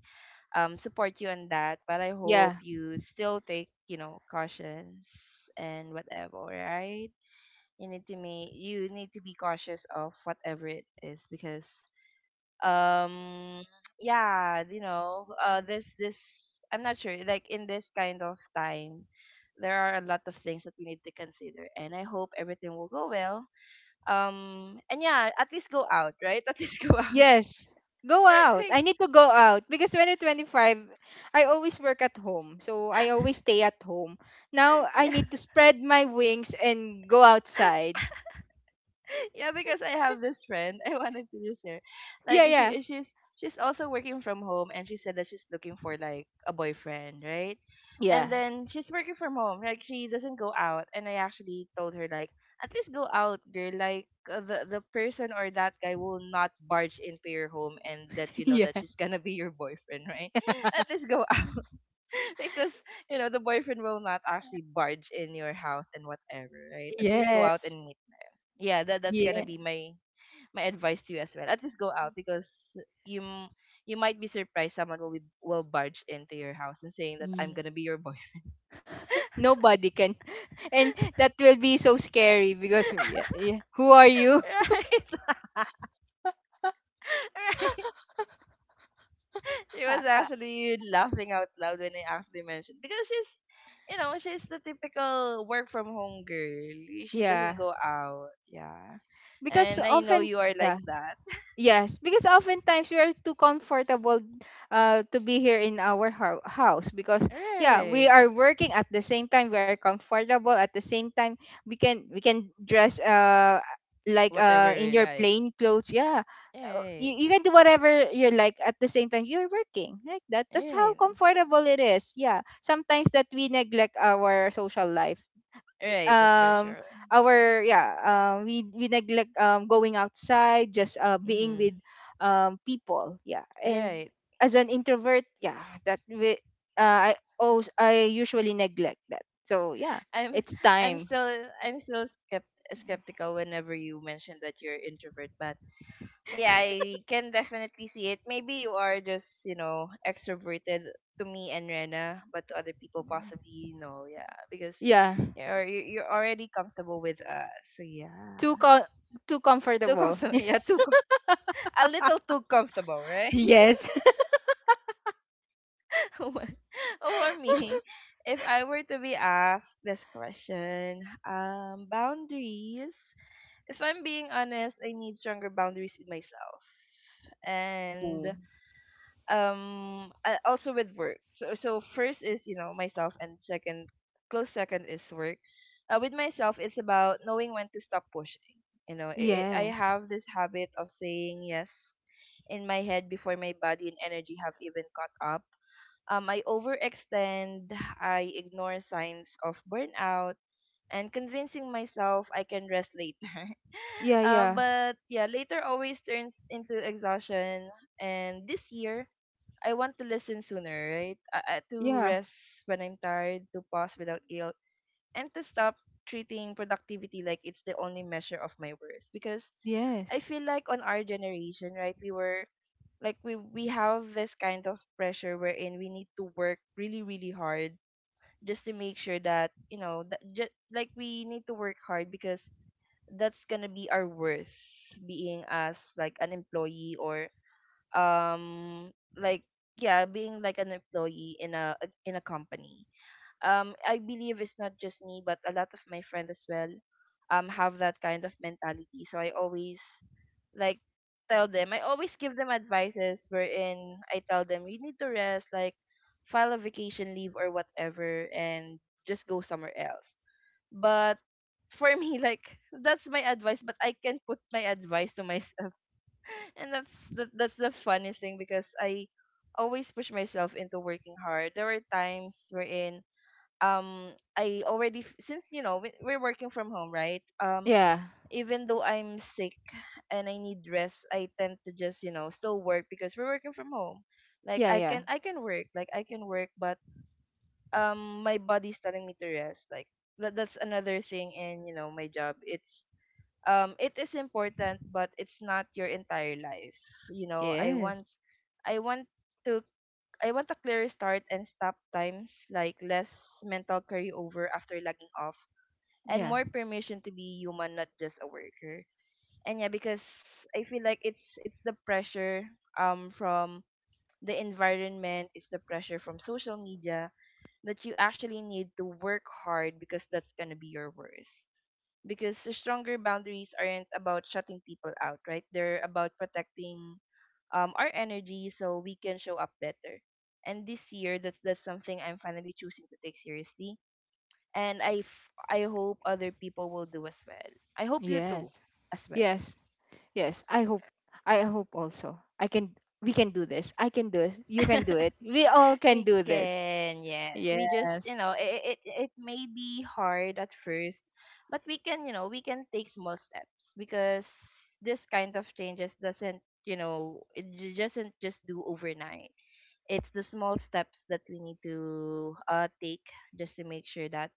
Speaker 1: support you on that. But I hope
Speaker 2: yeah.
Speaker 1: you still take cautions and whatever. Right. you need to make you need to be cautious of whatever it is, because um yeah you know this this I'm not sure, like, in this kind of time there are a lot of things that we need to consider, and I hope everything will go well. And yeah, at least go out, right? At least go out.
Speaker 2: Yes. Go out. I
Speaker 1: Like,
Speaker 2: need to go out because 2025 I always work at home. So I always stay at home. Now I
Speaker 1: yeah.
Speaker 2: need to spread my wings and go outside.
Speaker 1: Yeah, because I have this friend. I wanted to use her. Like,
Speaker 2: Yeah, yeah.
Speaker 1: she's she's also working from home, and she said that she's looking for, like, a boyfriend, right?
Speaker 2: Yeah.
Speaker 1: And then she's working from home. Like, she doesn't go out, and I actually told her, like, at least go out, girl. Like, the person or that guy will not barge into your home and let you know that
Speaker 2: Yeah.
Speaker 1: she's gonna be your boyfriend, right? At least go out because you know the boyfriend will not actually barge in your house and whatever, right? At least go out
Speaker 2: Yes.
Speaker 1: and meet. Yeah, that's gonna
Speaker 2: Yeah.
Speaker 1: be my my advice to you as well. At least go out, because you m- you might be surprised someone will be, will barge into your house and saying that I'm
Speaker 2: Yeah.
Speaker 1: gonna be your boyfriend.
Speaker 2: Nobody can. And that will be so scary, because yeah, yeah. Who are you?
Speaker 1: Right? Right? She was actually laughing out loud when I actually mentioned, because she's she's the typical work from home girl. She doesn't
Speaker 2: Yeah.
Speaker 1: go out. Yeah,
Speaker 2: Because
Speaker 1: and I know
Speaker 2: often,
Speaker 1: you are like
Speaker 2: yeah,
Speaker 1: that.
Speaker 2: yes, because oftentimes we are too comfortable to be here in our house, because yeah, we
Speaker 1: Right.
Speaker 2: are working at the same time, we are comfortable at the same time. We can, we can dress like
Speaker 1: Whatever you
Speaker 2: in your
Speaker 1: like.
Speaker 2: plain clothes. Yeah.
Speaker 1: Right.
Speaker 2: You, you can do whatever you like at the same time you're working like that. That's how
Speaker 1: Right.
Speaker 2: comfortable it is. Yeah. Sometimes that we neglect our social life,
Speaker 1: Right. That's for
Speaker 2: um
Speaker 1: sure.
Speaker 2: our, yeah, we neglect going outside, just being with
Speaker 1: Mhm.
Speaker 2: people, yeah. And
Speaker 1: Right.
Speaker 2: as an introvert, yeah, that we i, oh, I usually neglect that. So yeah,
Speaker 1: I'm
Speaker 2: it's
Speaker 1: I'm
Speaker 2: time.
Speaker 1: still I'm still skeptical whenever you mention that you're introvert, but yeah, I can definitely see it. Maybe you are just extroverted to me and Rena, but to other people possibly no, yeah, because
Speaker 2: Yeah,
Speaker 1: you're already comfortable with us. So yeah,
Speaker 2: too co- too
Speaker 1: too
Speaker 2: comfortable.
Speaker 1: comfortable, yeah, a little too comfortable, right?
Speaker 2: Yes.
Speaker 1: Over over me, if I were to be asked this question, boundaries. If I'm being honest, I need stronger boundaries with myself and
Speaker 2: Ooh.
Speaker 1: also with work. So first is, you know, myself, and second, close second, is work. With myself it's about knowing when to stop pushing. You know, it I
Speaker 2: Yes,
Speaker 1: have this habit of saying yes in my head before my body and energy have even caught up. I overextend, I ignore signs of burnout and convincing myself I can rest later.
Speaker 2: yeah,
Speaker 1: um,
Speaker 2: yeah,
Speaker 1: but yeah, later always turns into exhaustion. And this year, I want to listen sooner, right? To
Speaker 2: yeah,
Speaker 1: rest when I'm tired, to pause without guilt, and to stop treating productivity like it's the only measure of my worth. Because I
Speaker 2: yes,
Speaker 1: feel like on our generation, right, we were, like, we have this kind of pressure wherein we need to work really really hard just to make sure that, you know, that, just like, we need to work hard because that's gonna be our worth, being as like an employee or um like yeah, being like an employee in a company. I believe it's not just me but a lot of my friends as well have that kind of mentality, so I always, like, tell them, I always give them advices wherein I tell them you need to rest, like, file a vacation leave or whatever, and just go somewhere else. But for me, like, that's my advice, but I can put my advice to myself. And that's the funny thing, because I always push myself into working hard. There were times wherein um since, you know, we're working from home, right?
Speaker 2: yeah,
Speaker 1: Even though I'm sick and I need rest, I tend to just, you know, still work, because we're working from home. Like,
Speaker 2: yeah, yeah,
Speaker 1: I can work, like, I can work, but my body's telling me to rest. Like, that's another thing in, you know, my job. It's it is important, but it's not your entire life. You know,
Speaker 2: yes,
Speaker 1: i want to I want a clear start and stop times, like, less mental carryover after logging off, and
Speaker 2: yeah,
Speaker 1: more permission to be human, not just a worker. And yeah, because I feel like it's the pressure from the environment, it's the pressure from social media, that you actually need to work hard because that's going to be your worth. Because the stronger boundaries aren't about shutting people out, right? They're about protecting our energy so we can show up better. And this year, that's something I'm finally choosing to take seriously. And I hope other people will do as well. I hope you too
Speaker 2: yes,
Speaker 1: as well.
Speaker 2: yes. Yes, I hope. I hope also. I can. We can do this. I can do this. You can do it. We all can
Speaker 1: We
Speaker 2: do this.
Speaker 1: can, yes. We just,
Speaker 2: Yes.
Speaker 1: you know, it may be hard at first, but we can, you know, we can take small steps, because this kind of changes doesn't, you know, doesn't just do overnight. It's the small steps that we need to take just to make sure that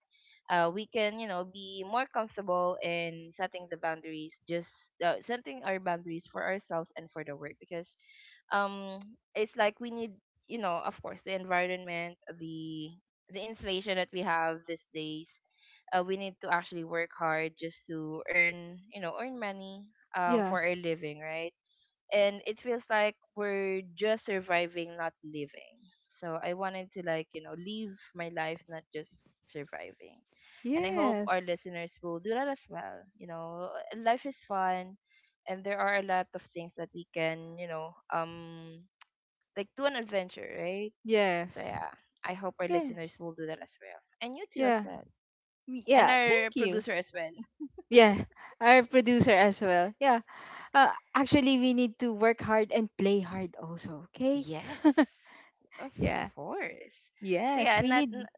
Speaker 1: we can, you know, be more comfortable in setting the boundaries, just setting our boundaries for ourselves and for the work, because um it's like we need, you know, of course, the environment, the inflation that we have these days, we need to actually work hard just to earn, you know, earn money
Speaker 2: Yeah.
Speaker 1: for our living, right? And it feels like we're just surviving, not living. So I wanted to, like, you know, live my life, not just surviving. And I hope our
Speaker 2: Yes.
Speaker 1: listeners will do that as well. You know, life is fun, and there are a lot of things that we can, you know, do, an adventure, right? So
Speaker 2: Yes.
Speaker 1: yeah, I hope our
Speaker 2: Yeah.
Speaker 1: listeners will do that as well. And you too as
Speaker 2: Yeah.
Speaker 1: well.
Speaker 2: We-
Speaker 1: And
Speaker 2: Yeah.
Speaker 1: our
Speaker 2: Thank you.
Speaker 1: producer as well.
Speaker 2: Yeah. Our producer as well. Yeah. Actually, we need to work hard and play hard also. Okay.
Speaker 1: Yes, of
Speaker 2: Yeah.
Speaker 1: course. So
Speaker 2: Yes.
Speaker 1: yeah,
Speaker 2: We
Speaker 1: not,
Speaker 2: need.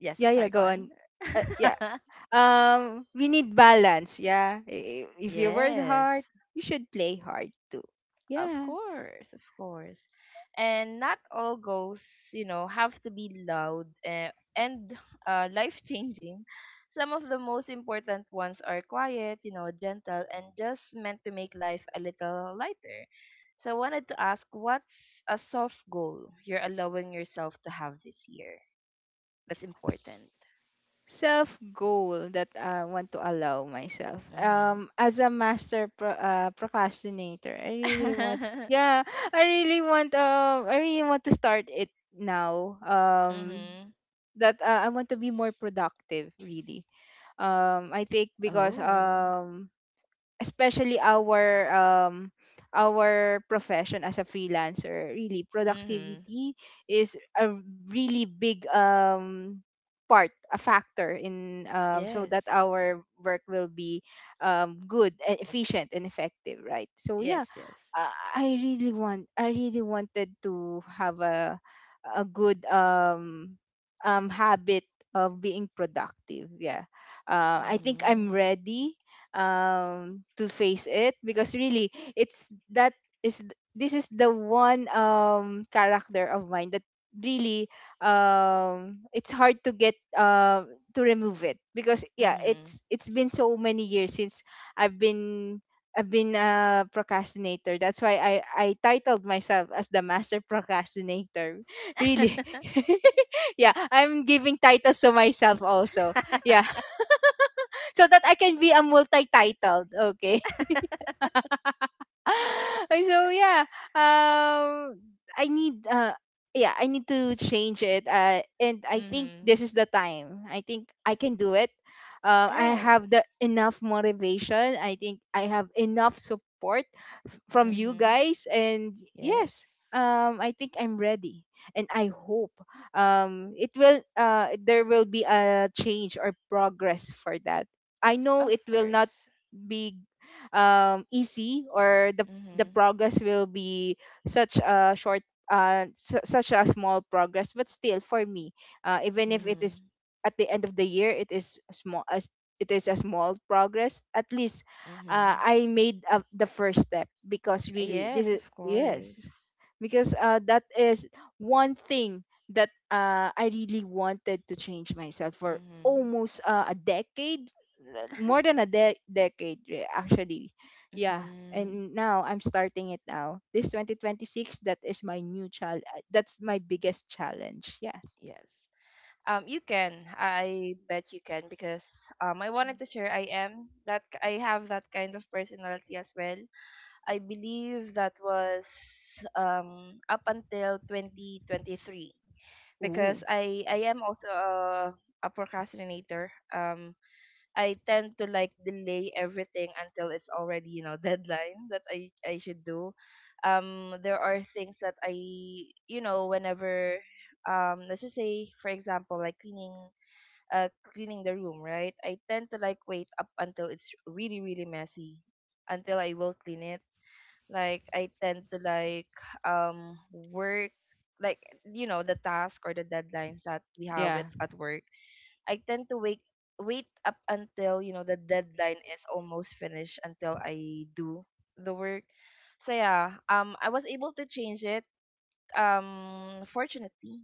Speaker 1: Yes,
Speaker 2: Yeah.
Speaker 1: I'm
Speaker 2: Yeah.
Speaker 1: sorry, go
Speaker 2: Go
Speaker 1: on.
Speaker 2: on. Yeah. We need balance. Yeah. If you work
Speaker 1: Yes,
Speaker 2: hard, you should play hard too.
Speaker 1: of
Speaker 2: Yeah.
Speaker 1: course, of course. And not all goals, you know, have to be loud and life-changing. Some of the most important ones are quiet, you know, gentle, and just meant to make life a little lighter. So I wanted to ask, what's a soft goal you're allowing yourself to have this year? That's important.
Speaker 2: Self goal that I want to allow myself,
Speaker 1: Mm-hmm.
Speaker 2: as a master procrastinator, I really want, yeah, I really want, I really want to start it now.
Speaker 1: Mm-hmm.
Speaker 2: That I want to be more productive, really. I think because
Speaker 1: Oh.
Speaker 2: especially our profession as a freelancer, really
Speaker 1: Mm-hmm.
Speaker 2: productivity is a really big part, a factor in, so
Speaker 1: Yes.
Speaker 2: that our work will be good and efficient and effective, right? So yeah,
Speaker 1: Yes, yes.
Speaker 2: I really want, I really wanted to have a good habit of being productive. Yeah. I think I'm
Speaker 1: Mhm.
Speaker 2: ready to face it because really it's that is this is the one character of mine that really it's hard to get to remove it because yeah,
Speaker 1: Mhm.
Speaker 2: it's been so many years since I've been, I've been a procrastinator. That's why I titled myself as the master procrastinator.
Speaker 1: Mhm.
Speaker 2: Really. Yeah, I'm giving titles to myself also. Yeah. So that I can be a multi-titled. Okay. So yeah, um I need yeah, I need to change it. And I think this is the time. I think I can do it.
Speaker 1: All
Speaker 2: I
Speaker 1: right.
Speaker 2: have the enough motivation. I think I have enough support from you
Speaker 1: Mhm.
Speaker 2: guys, and
Speaker 1: Yes.
Speaker 2: yes, I think I'm ready, and I hope it will, there will be a change or progress for that. I know
Speaker 1: Of
Speaker 2: it will not
Speaker 1: course.
Speaker 2: be easy, or the
Speaker 1: Mhm.
Speaker 2: progress will be such a short, such a small progress, but still for me, even if it is
Speaker 1: Mhm.
Speaker 2: at the end of the year, it is small as, it is a small progress, at least
Speaker 1: Mhm.
Speaker 2: I made the first step, because really this
Speaker 1: Yes,
Speaker 2: is,
Speaker 1: of
Speaker 2: yes,
Speaker 1: course.
Speaker 2: because that is one thing that I really wanted to change myself for
Speaker 1: Mhm.
Speaker 2: almost a decade, more than a decade actually. Yeah.
Speaker 1: Mhm.
Speaker 2: And now I'm starting it now, this 2026. That is my new challenge. That's my biggest challenge. Yeah.
Speaker 1: Yes. You can. I bet you can because I wanted to share, I am that I have that kind of personality as well. I believe that was up until 2023, because
Speaker 2: Ooh.
Speaker 1: I am also a procrastinator. I tend to, like, delay everything until it's already, you know, deadline that I should do. There are things that I, you know, whenever let's just say for example, like, cleaning cleaning the room, right? I tend to, like, wait up until it's really really messy until I will clean it. Like, I tend to, like, work, like, you know, the task or the deadlines that we have
Speaker 2: Yeah.
Speaker 1: at work, I tend to wake wait up until, you know, the deadline is almost finished until I do the work. So yeah, I was able to change it fortunately.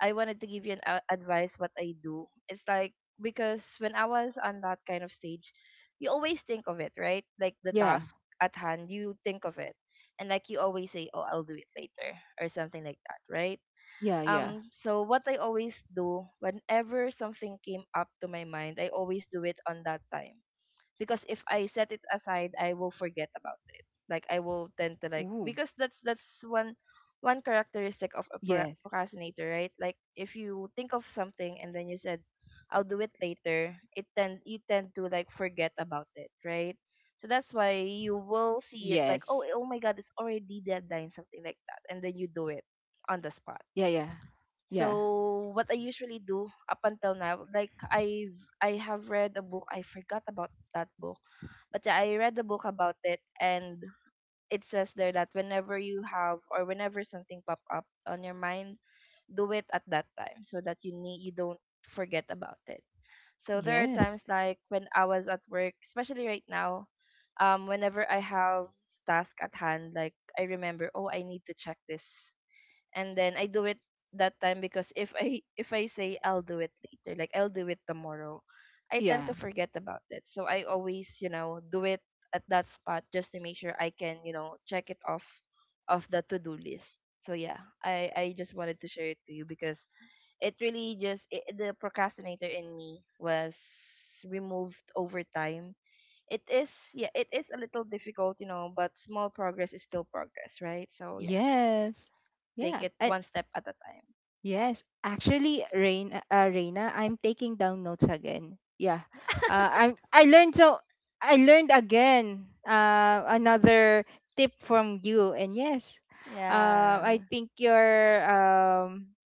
Speaker 1: I wanted to give you an a advice what I do. It's like, because when I was on that kind of stage, you always think of it, right? Like the
Speaker 2: Yeah.
Speaker 1: task at hand, you think of it. And, like, you always say, "Oh, I'll do it later," or something like that, right?
Speaker 2: Yeah. Yeah.
Speaker 1: So what I always do whenever something came up to my mind, I always do it on that time, because if I set it aside, I will forget
Speaker 2: Ooh.
Speaker 1: about it. Like, I will tend to, like, because that's one
Speaker 2: Yes.
Speaker 1: one characteristic of a procrastinator, right? Like, if you think of something and then you said, "I'll do it later," it tend you tend to, like, forget about it, right? So that's why you
Speaker 2: Yes.
Speaker 1: will see it like, "Oh, oh my God, it's already deadline," something like that, and then you do it
Speaker 2: Yeah.
Speaker 1: on the
Speaker 2: Yeah.
Speaker 1: spot.
Speaker 2: Yeah.
Speaker 1: So what I usually do up until now, like, I have read a book, I forgot about that book. But yeah, I read the book about it, and it says there that whenever you have, or whenever something pop up on your mind, do it at that time so that you don't forget about it. So there are
Speaker 2: Yes.
Speaker 1: times like when I was at work, especially right now, whenever I have task at hand, like I remember, oh, I need to check this and then I do it that time because if I say I'll do it later, like I'll do it tomorrow, I tend to
Speaker 2: Yeah.
Speaker 1: forget about it. So I always do it at that spot just to make sure I can check it off of the to-do list. So yeah, I just wanted to share it to you because it really just the procrastinator in me was removed over time. It is, yeah, it is a little difficult, but small progress is still progress, right? So yeah,
Speaker 2: Yes.
Speaker 1: take
Speaker 2: Yeah.
Speaker 1: it
Speaker 2: And
Speaker 1: one step at a time.
Speaker 2: yes, actually, Rain, Reina, I'm taking down notes again. Yeah, I'm, I learned so, I learned again. Another tip from you, and yes, I
Speaker 1: Yeah.
Speaker 2: think you're um,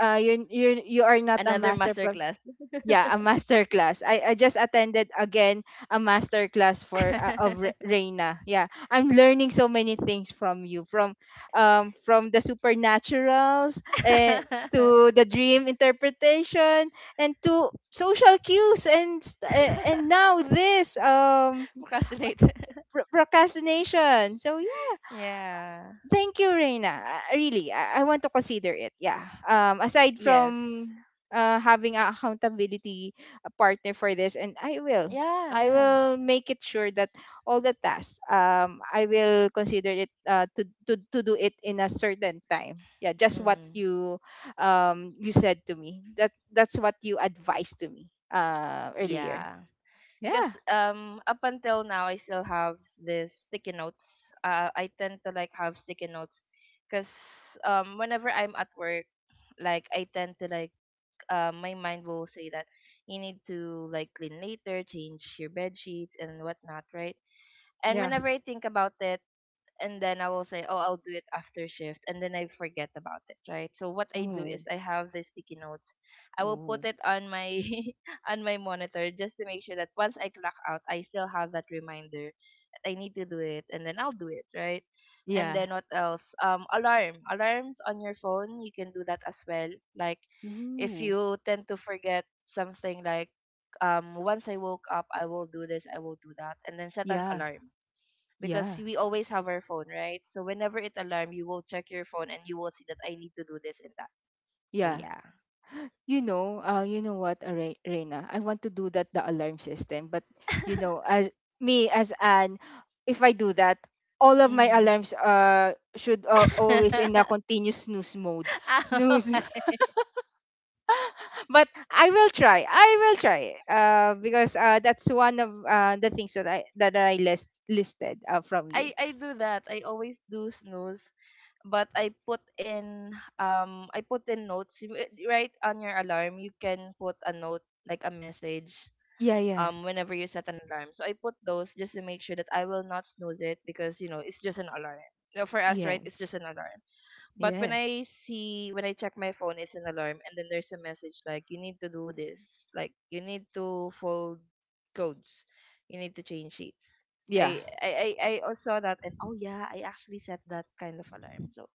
Speaker 2: uh, you you are not a
Speaker 1: Another
Speaker 2: master,
Speaker 1: masterclass.
Speaker 2: yeah, a master class, I just attended again a master class for, of Reina. Yeah, I'm learning so many things from you, from the supernaturals, and to the dream interpretation, and to social cues, and and now this
Speaker 1: Procrastinator.
Speaker 2: procrastination. So
Speaker 1: Yeah.
Speaker 2: thank you, Reina. Really, I want to consider it. Yeah.
Speaker 1: Y-
Speaker 2: Aside
Speaker 1: yes.
Speaker 2: from having a accountability partner for this, and
Speaker 1: Yeah,
Speaker 2: I
Speaker 1: yeah.
Speaker 2: will make it sure that all the tasks, I will consider it to do it in a certain time. Yeah, just what
Speaker 1: Hmm.
Speaker 2: you you said to me. That that's what you advised to me earlier.
Speaker 1: Yeah. Because
Speaker 2: Yeah.
Speaker 1: up until now I still have this sticky notes. I tend to like have sticky notes because whenever I'm at work, like I tend to like my mind will say that you need to like clean later, change your bed sheets and whatnot, right? And
Speaker 2: Yeah.
Speaker 1: whenever I think about it, and then I will say, "Oh, I'll do it after shift," and then I forget about it, right? So what I do is
Speaker 2: Ooh,
Speaker 1: I have the sticky notes. I will
Speaker 2: ooh.
Speaker 1: put it on my on my monitor just to make sure that once I clock out, I still have that reminder that I need to do it, and then I'll do it, right? And
Speaker 2: Yeah.
Speaker 1: then what else? Alarms on your phone. You can do that as well. Like if
Speaker 2: Ooh.
Speaker 1: you tend to forget something, like once I woke up, I will do this, I will do that, and then set an
Speaker 2: Yeah.
Speaker 1: alarm because
Speaker 2: Yeah.
Speaker 1: we always have our phone, right? So whenever it alarm, you will check your phone and you will see that I need to do this and that. So
Speaker 2: Yeah.
Speaker 1: yeah.
Speaker 2: You know what, Reina? I want to do that, the alarm system, but you know, as me as an, if I do that, all of my
Speaker 1: Mhm.
Speaker 2: alarms should always in a continuous snooze mode.
Speaker 1: Ow.
Speaker 2: Snooze. But I will try. I will try. Because that's one of the things that I listed from you.
Speaker 1: I do that. I always do snooze, but I put in notes. Right on your alarm. You can put a note like a message
Speaker 2: Yeah, yeah.
Speaker 1: whenever you set an alarm. So I put those just to make sure that I will not snooze it because it's just an alarm. You know, for us, right? It's
Speaker 2: Yes.
Speaker 1: just an alarm. But when
Speaker 2: Yes.
Speaker 1: I see when I check my phone, it's an alarm, and then there's a message like you need to do this, like you need to fold clothes, you need to change sheets.
Speaker 2: Yeah.
Speaker 1: I also saw that, and oh yeah, I actually set that kind of alarm. So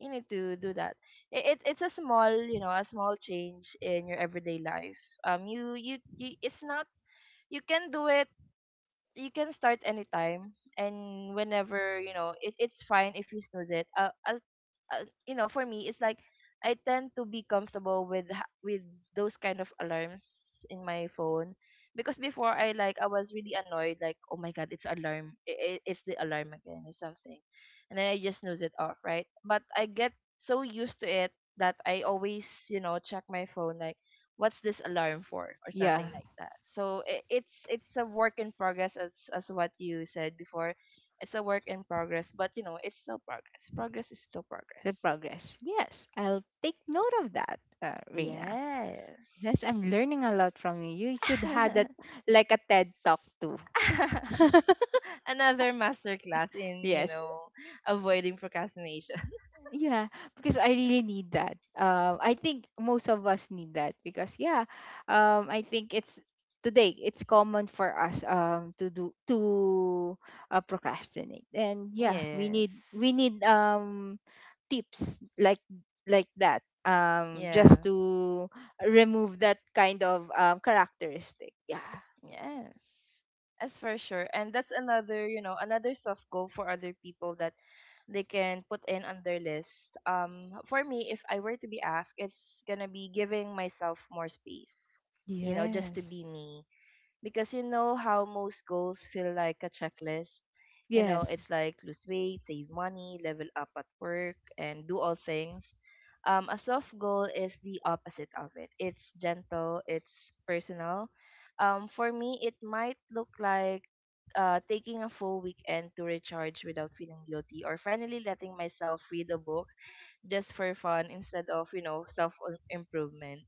Speaker 1: you need to do that. It's a small, you know, a small change in your everyday life. You it's not you can do it, you can start anytime and whenever you know it, it's fine if you snooze it as, you know for me it's like I tend to be comfortable with those kind of alarms in my phone because before I was really annoyed like oh my god it's alarm, it's the alarm again or something and then I just snooze it off, right? But I get so used to it that I always check my phone like what's this alarm for or
Speaker 2: Yeah.
Speaker 1: something like that. So it's a work in progress, as what you said before. It's a work in progress, but it's still progress. Progress is still
Speaker 2: The
Speaker 1: progress.
Speaker 2: progress. Yes, I'll take note of that, Reina.
Speaker 1: Yes.
Speaker 2: Yes, I'm learning a lot from you. You should have that like a TED talk too.
Speaker 1: Another masterclass in, you
Speaker 2: Yes.
Speaker 1: know avoiding procrastination.
Speaker 2: Yeah, because I really need that. I think most of us need that, because yeah, I think it's today, it's common for us to do to procrastinate, and yeah,
Speaker 1: Yes.
Speaker 2: we need tips like that, just
Speaker 1: Yeah.
Speaker 2: to remove that kind of characteristic. Yeah.
Speaker 1: Yes, that's for sure. And that's another, you know, another soft goal for other people that they can put in on their list. For me, if I were to be asked, it's gonna be giving myself more space, just to
Speaker 2: Yes.
Speaker 1: be me because you know how most goals feel like a checklist. You know,
Speaker 2: Yes.
Speaker 1: it's like lose weight, save money, level up at work, and do all things. A soft goal is the opposite of it. It's gentle, it's personal. For me, it might look like taking a full weekend to recharge without feeling guilty, or finally letting myself read a book just for fun instead of self improvement.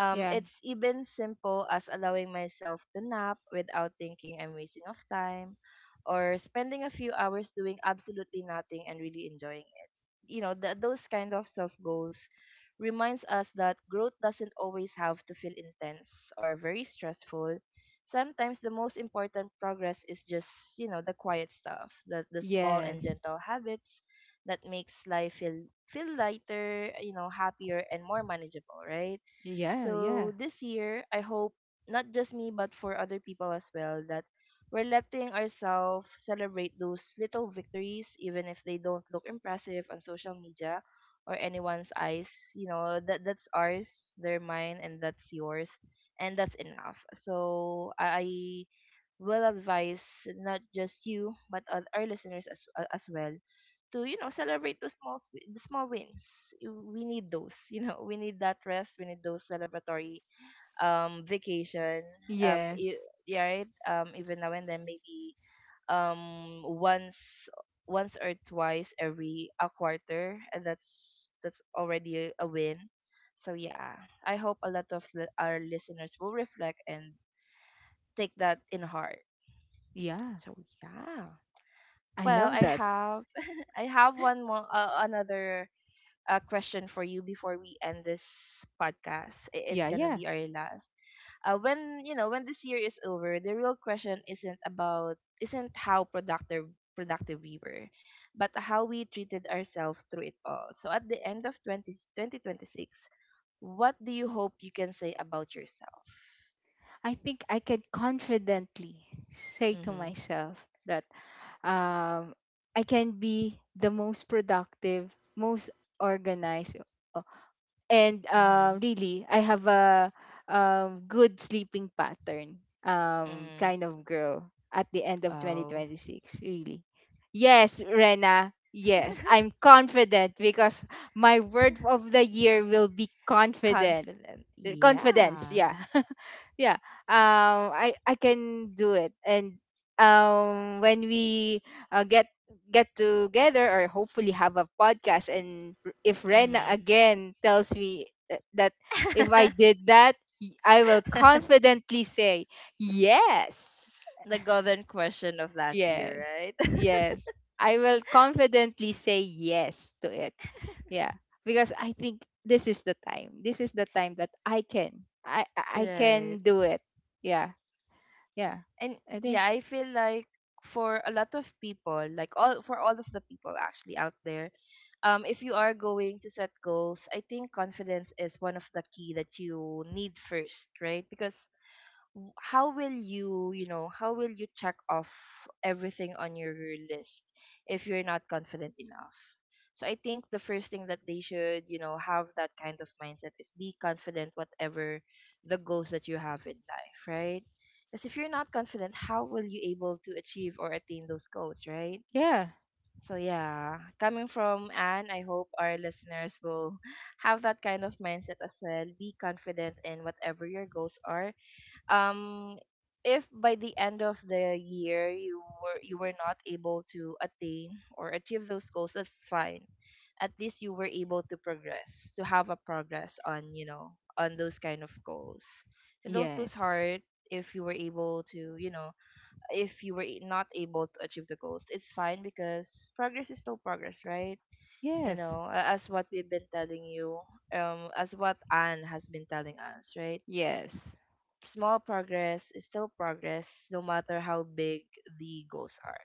Speaker 2: Yeah.
Speaker 1: It's even simple as allowing myself to nap without thinking I'm wasting of time or spending a few hours doing absolutely nothing and really enjoying it. You know, those kind of self goals reminds us that growth doesn't always have to feel intense or very stressful. Sometimes the most important progress is just, you know, the quiet stuff, the small and
Speaker 2: Yes.
Speaker 1: gentle habits that makes life feel lighter, you know, happier and more manageable, right?
Speaker 2: Yeah. Yeah.
Speaker 1: So this year, I hope not just me, but for other people as well, that we're letting ourselves celebrate those little victories, even if they don't look impressive on social media or anyone's eyes. You know, that that's ours, they're mine, and that's yours, and that's enough. So I will advise not just you but all our listeners as well to, celebrate the small s-, the small wins. We need those, you know, we need that rest. We need those celebratory vacation. Um, e-
Speaker 2: Yes.
Speaker 1: yeah, right. Even now and then maybe um once once or twice every a quarter, and that's already a win. So yeah, I hope a lot of our listeners will reflect and take that in heart.
Speaker 2: Yeah.
Speaker 1: So yeah.
Speaker 2: I
Speaker 1: Well,
Speaker 2: love
Speaker 1: I
Speaker 2: that.
Speaker 1: have I have one more another question for you before we end this podcast. It's
Speaker 2: Yeah.
Speaker 1: gonna
Speaker 2: Yeah.
Speaker 1: be our last. When, when this year is over, the real question isn't how productive we were, but how we treated ourselves through it all. So at the end of twenty twenty six, what do you hope you can say about yourself?
Speaker 2: I think I can confidently say to
Speaker 1: Mm-hmm.
Speaker 2: myself that um, I can be the most productive, most organized, and
Speaker 1: Mm-hmm.
Speaker 2: really I have a good sleeping pattern,
Speaker 1: Mm-hmm.
Speaker 2: kind of girl at the end of
Speaker 1: Oh.
Speaker 2: 2026, really. Yes, Rena. Yes, I'm confident, because my word of the year will be confident.
Speaker 1: Confident.
Speaker 2: Confidence,
Speaker 1: Yeah.
Speaker 2: yeah. Yeah. I can do it, and when we uh, get get together, or hopefully have a podcast, and if Rena
Speaker 1: Mm-hmm.
Speaker 2: again tells me that if I did that, I will confidently say yes.
Speaker 1: The golden question of last year,
Speaker 2: Yes.
Speaker 1: right?
Speaker 2: Yes. I will confidently say yes to it. Yeah, because I think this is the time, this is the time that I I can
Speaker 1: Right.
Speaker 2: do it. Yeah. Yeah.
Speaker 1: And
Speaker 2: I think
Speaker 1: yeah, I feel like for a lot of people, like all for all of the people actually out there, if you are going to set goals, I think confidence is one of the key that you need first, right? Because how will you check off everything on your list if you're not confident enough. So I think the first thing that they should have that kind of mindset is be confident whatever the goals that you have in life, right? Because if you're not confident, how will you able to achieve or attain those goals, right?
Speaker 2: yeah.
Speaker 1: So yeah, coming from Anne, I hope our listeners will have that kind of mindset as well. Be confident in whatever your goals are. um if by the end of the year you were not able to attain or achieve those goals, that's fine. At least you were able to progress, to have a progress on you know on those kind of goals. So don't lose
Speaker 2: Yes.
Speaker 1: heart. If you were able to you know if you were I- not able to achieve the goals, it's fine because progress is still progress, right? You
Speaker 2: Yes.
Speaker 1: know, as what we've been telling you, as what Anne has been telling us, right?
Speaker 2: Yes.
Speaker 1: Small progress is still progress, no matter how big the goals are.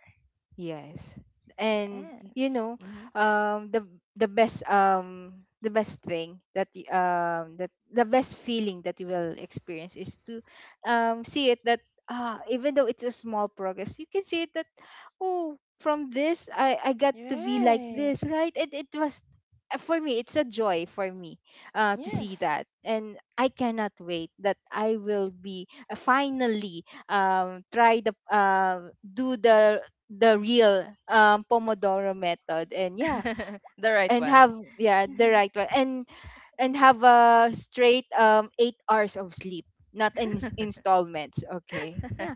Speaker 2: Yes. And
Speaker 1: Yes.
Speaker 2: you know,
Speaker 1: Mm-hmm.
Speaker 2: um the the best, the best thing that that the best feeling that you will experience is to see it, that ah, even though it's a small progress, you can see it that oh, from this I got to be like
Speaker 1: Right.
Speaker 2: this, right? And it was for me, it's a joy for me to see
Speaker 1: Yes.
Speaker 2: that, and I cannot wait that I will be finally try the do the real pomodoro method, and yeah,
Speaker 1: The right
Speaker 2: and
Speaker 1: one.
Speaker 2: have yeah the right one, and have a straight 8 hours of sleep, not in installments, okay. Yeah.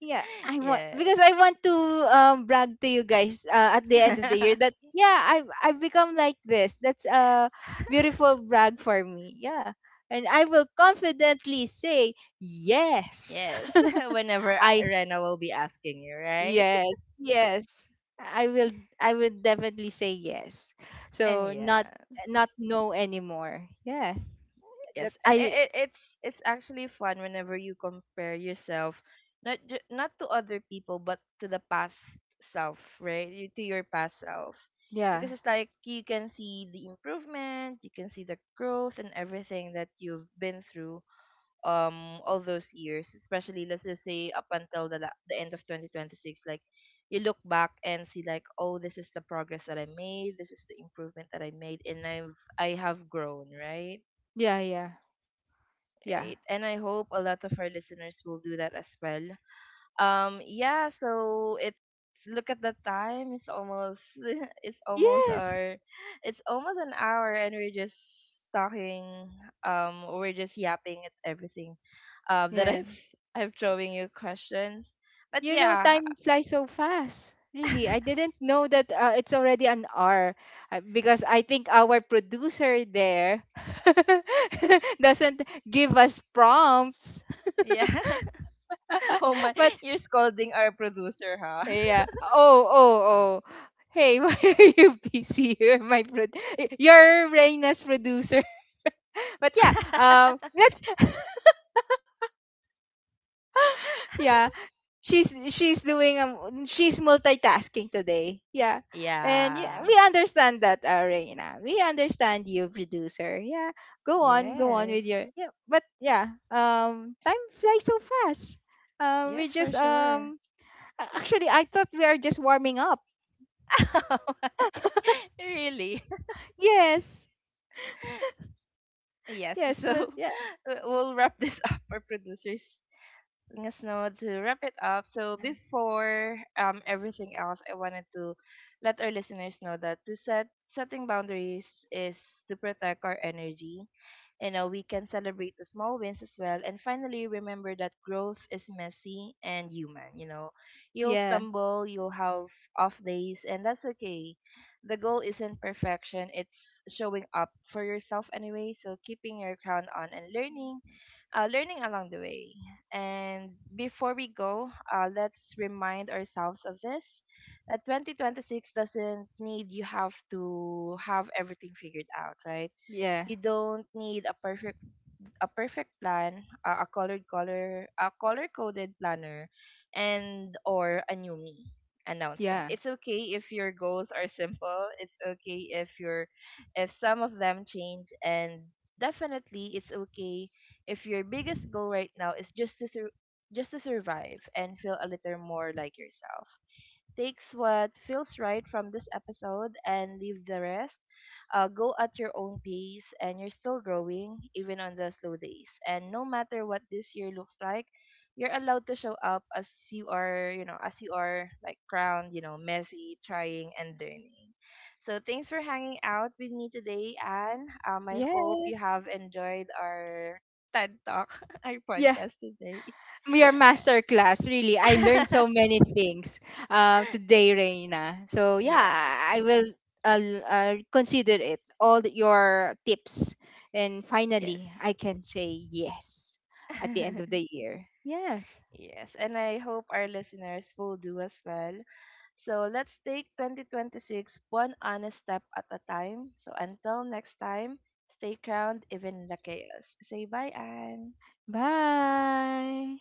Speaker 2: Yeah, I want, because
Speaker 1: Yes.
Speaker 2: I want to brag to you guys at the end of the year that yeah, I've become like this. That's a beautiful brag for me. Yeah. And I will confidently say yes.
Speaker 1: Yes. Whenever
Speaker 2: I,
Speaker 1: Rena will be asking you, right?
Speaker 2: yes, yes. I will, I will definitely say yes.
Speaker 1: And
Speaker 2: So
Speaker 1: yeah.
Speaker 2: not, not no anymore. Yeah. That
Speaker 1: Yes, and it,
Speaker 2: I,
Speaker 1: it, it's it's actually fun whenever you compare yourself not to other people but to the past self, right? You, to your past self.
Speaker 2: yeah.
Speaker 1: Because it's like you can see the improvement, you can see the growth and everything that you've been through all those years, especially let's just say up until the the end of 2026. Like you look back and see like, oh, this is the progress that I made, this is the improvement that I made and I have grown, right?
Speaker 2: Yeah, yeah. Yeah.
Speaker 1: Right. And I hope a lot of our listeners will do that as well. Yeah, so it's look at the time. It's almost it's almost
Speaker 2: Yes.
Speaker 1: our it's almost an hour and we're just talking, we're just yapping at everything, that
Speaker 2: Yeah.
Speaker 1: I've throwing you questions. But
Speaker 2: You know,
Speaker 1: yeah.
Speaker 2: time flies so fast. Really, I didn't know that it's already an hour, because I think our producer there doesn't give us prompts.
Speaker 1: Yeah. Oh my,
Speaker 2: But
Speaker 1: you're scolding our producer, huh?
Speaker 2: yeah. Oh, oh, oh. Hey, why are you busy? You're my you're Reina's producer. But yeah, let's. Yeah, she's doing she's multitasking today. Yeah, and yeah, we
Speaker 1: Yeah.
Speaker 2: understand that, Reina. We understand you, producer. Yeah, go on, go on
Speaker 1: Yes.
Speaker 2: with your yeah. But yeah, time flies so fast. We
Speaker 1: Yes, for
Speaker 2: just
Speaker 1: sure.
Speaker 2: um, actually, I thought we are just warming up.
Speaker 1: Really?
Speaker 2: Yes,
Speaker 1: Yes.
Speaker 2: yes,
Speaker 1: So
Speaker 2: but yeah.
Speaker 1: we'll wrap this up. Our producers letting us know to wrap it up. So before everything else, I wanted to let our listeners know that to set setting boundaries is to protect our energy. You know, we can celebrate the small wins as well. And finally, remember that growth is messy and human. You know, you'll
Speaker 2: Yeah,
Speaker 1: stumble, you'll have off days, and that's okay. The goal isn't perfection, it's showing up for yourself anyway. So, keeping your crown on and learning along the way. And before we go, let's remind ourselves of this, that 2026 doesn't need you have to have everything figured out, right?
Speaker 2: yeah,
Speaker 1: You don't need a perfect plan, a color coded planner, and or a new me announcement.
Speaker 2: yeah.
Speaker 1: It's okay if your goals are simple. It's okay if some of them change and definitely it's okay if your biggest goal right now is just to survive and feel a little more like yourself. Takes what feels right from this episode and leave the rest. Go at your own pace, and you're still growing, even on the slow days. And no matter what this year looks like, you're allowed to show up as you are, like crowned, messy, trying, and learning. So thanks for hanging out with me today, Anne. I hope you
Speaker 2: Yes.
Speaker 1: have enjoyed our TED Talk, our
Speaker 2: Yeah,
Speaker 1: podcast today.
Speaker 2: your master class. Really, I learned so many things today, Reina. So yeah, I
Speaker 1: Yes.
Speaker 2: will uh, consider it, all your tips, and
Speaker 1: Yes.
Speaker 2: finally, I can say yes at the end of the year. Yes.
Speaker 1: Yes, and I hope our listeners will do as well. So let's take 2026 one honest step at a time. So until next time, stay crowned even in the chaos. Say bye, Anne.
Speaker 2: Bye.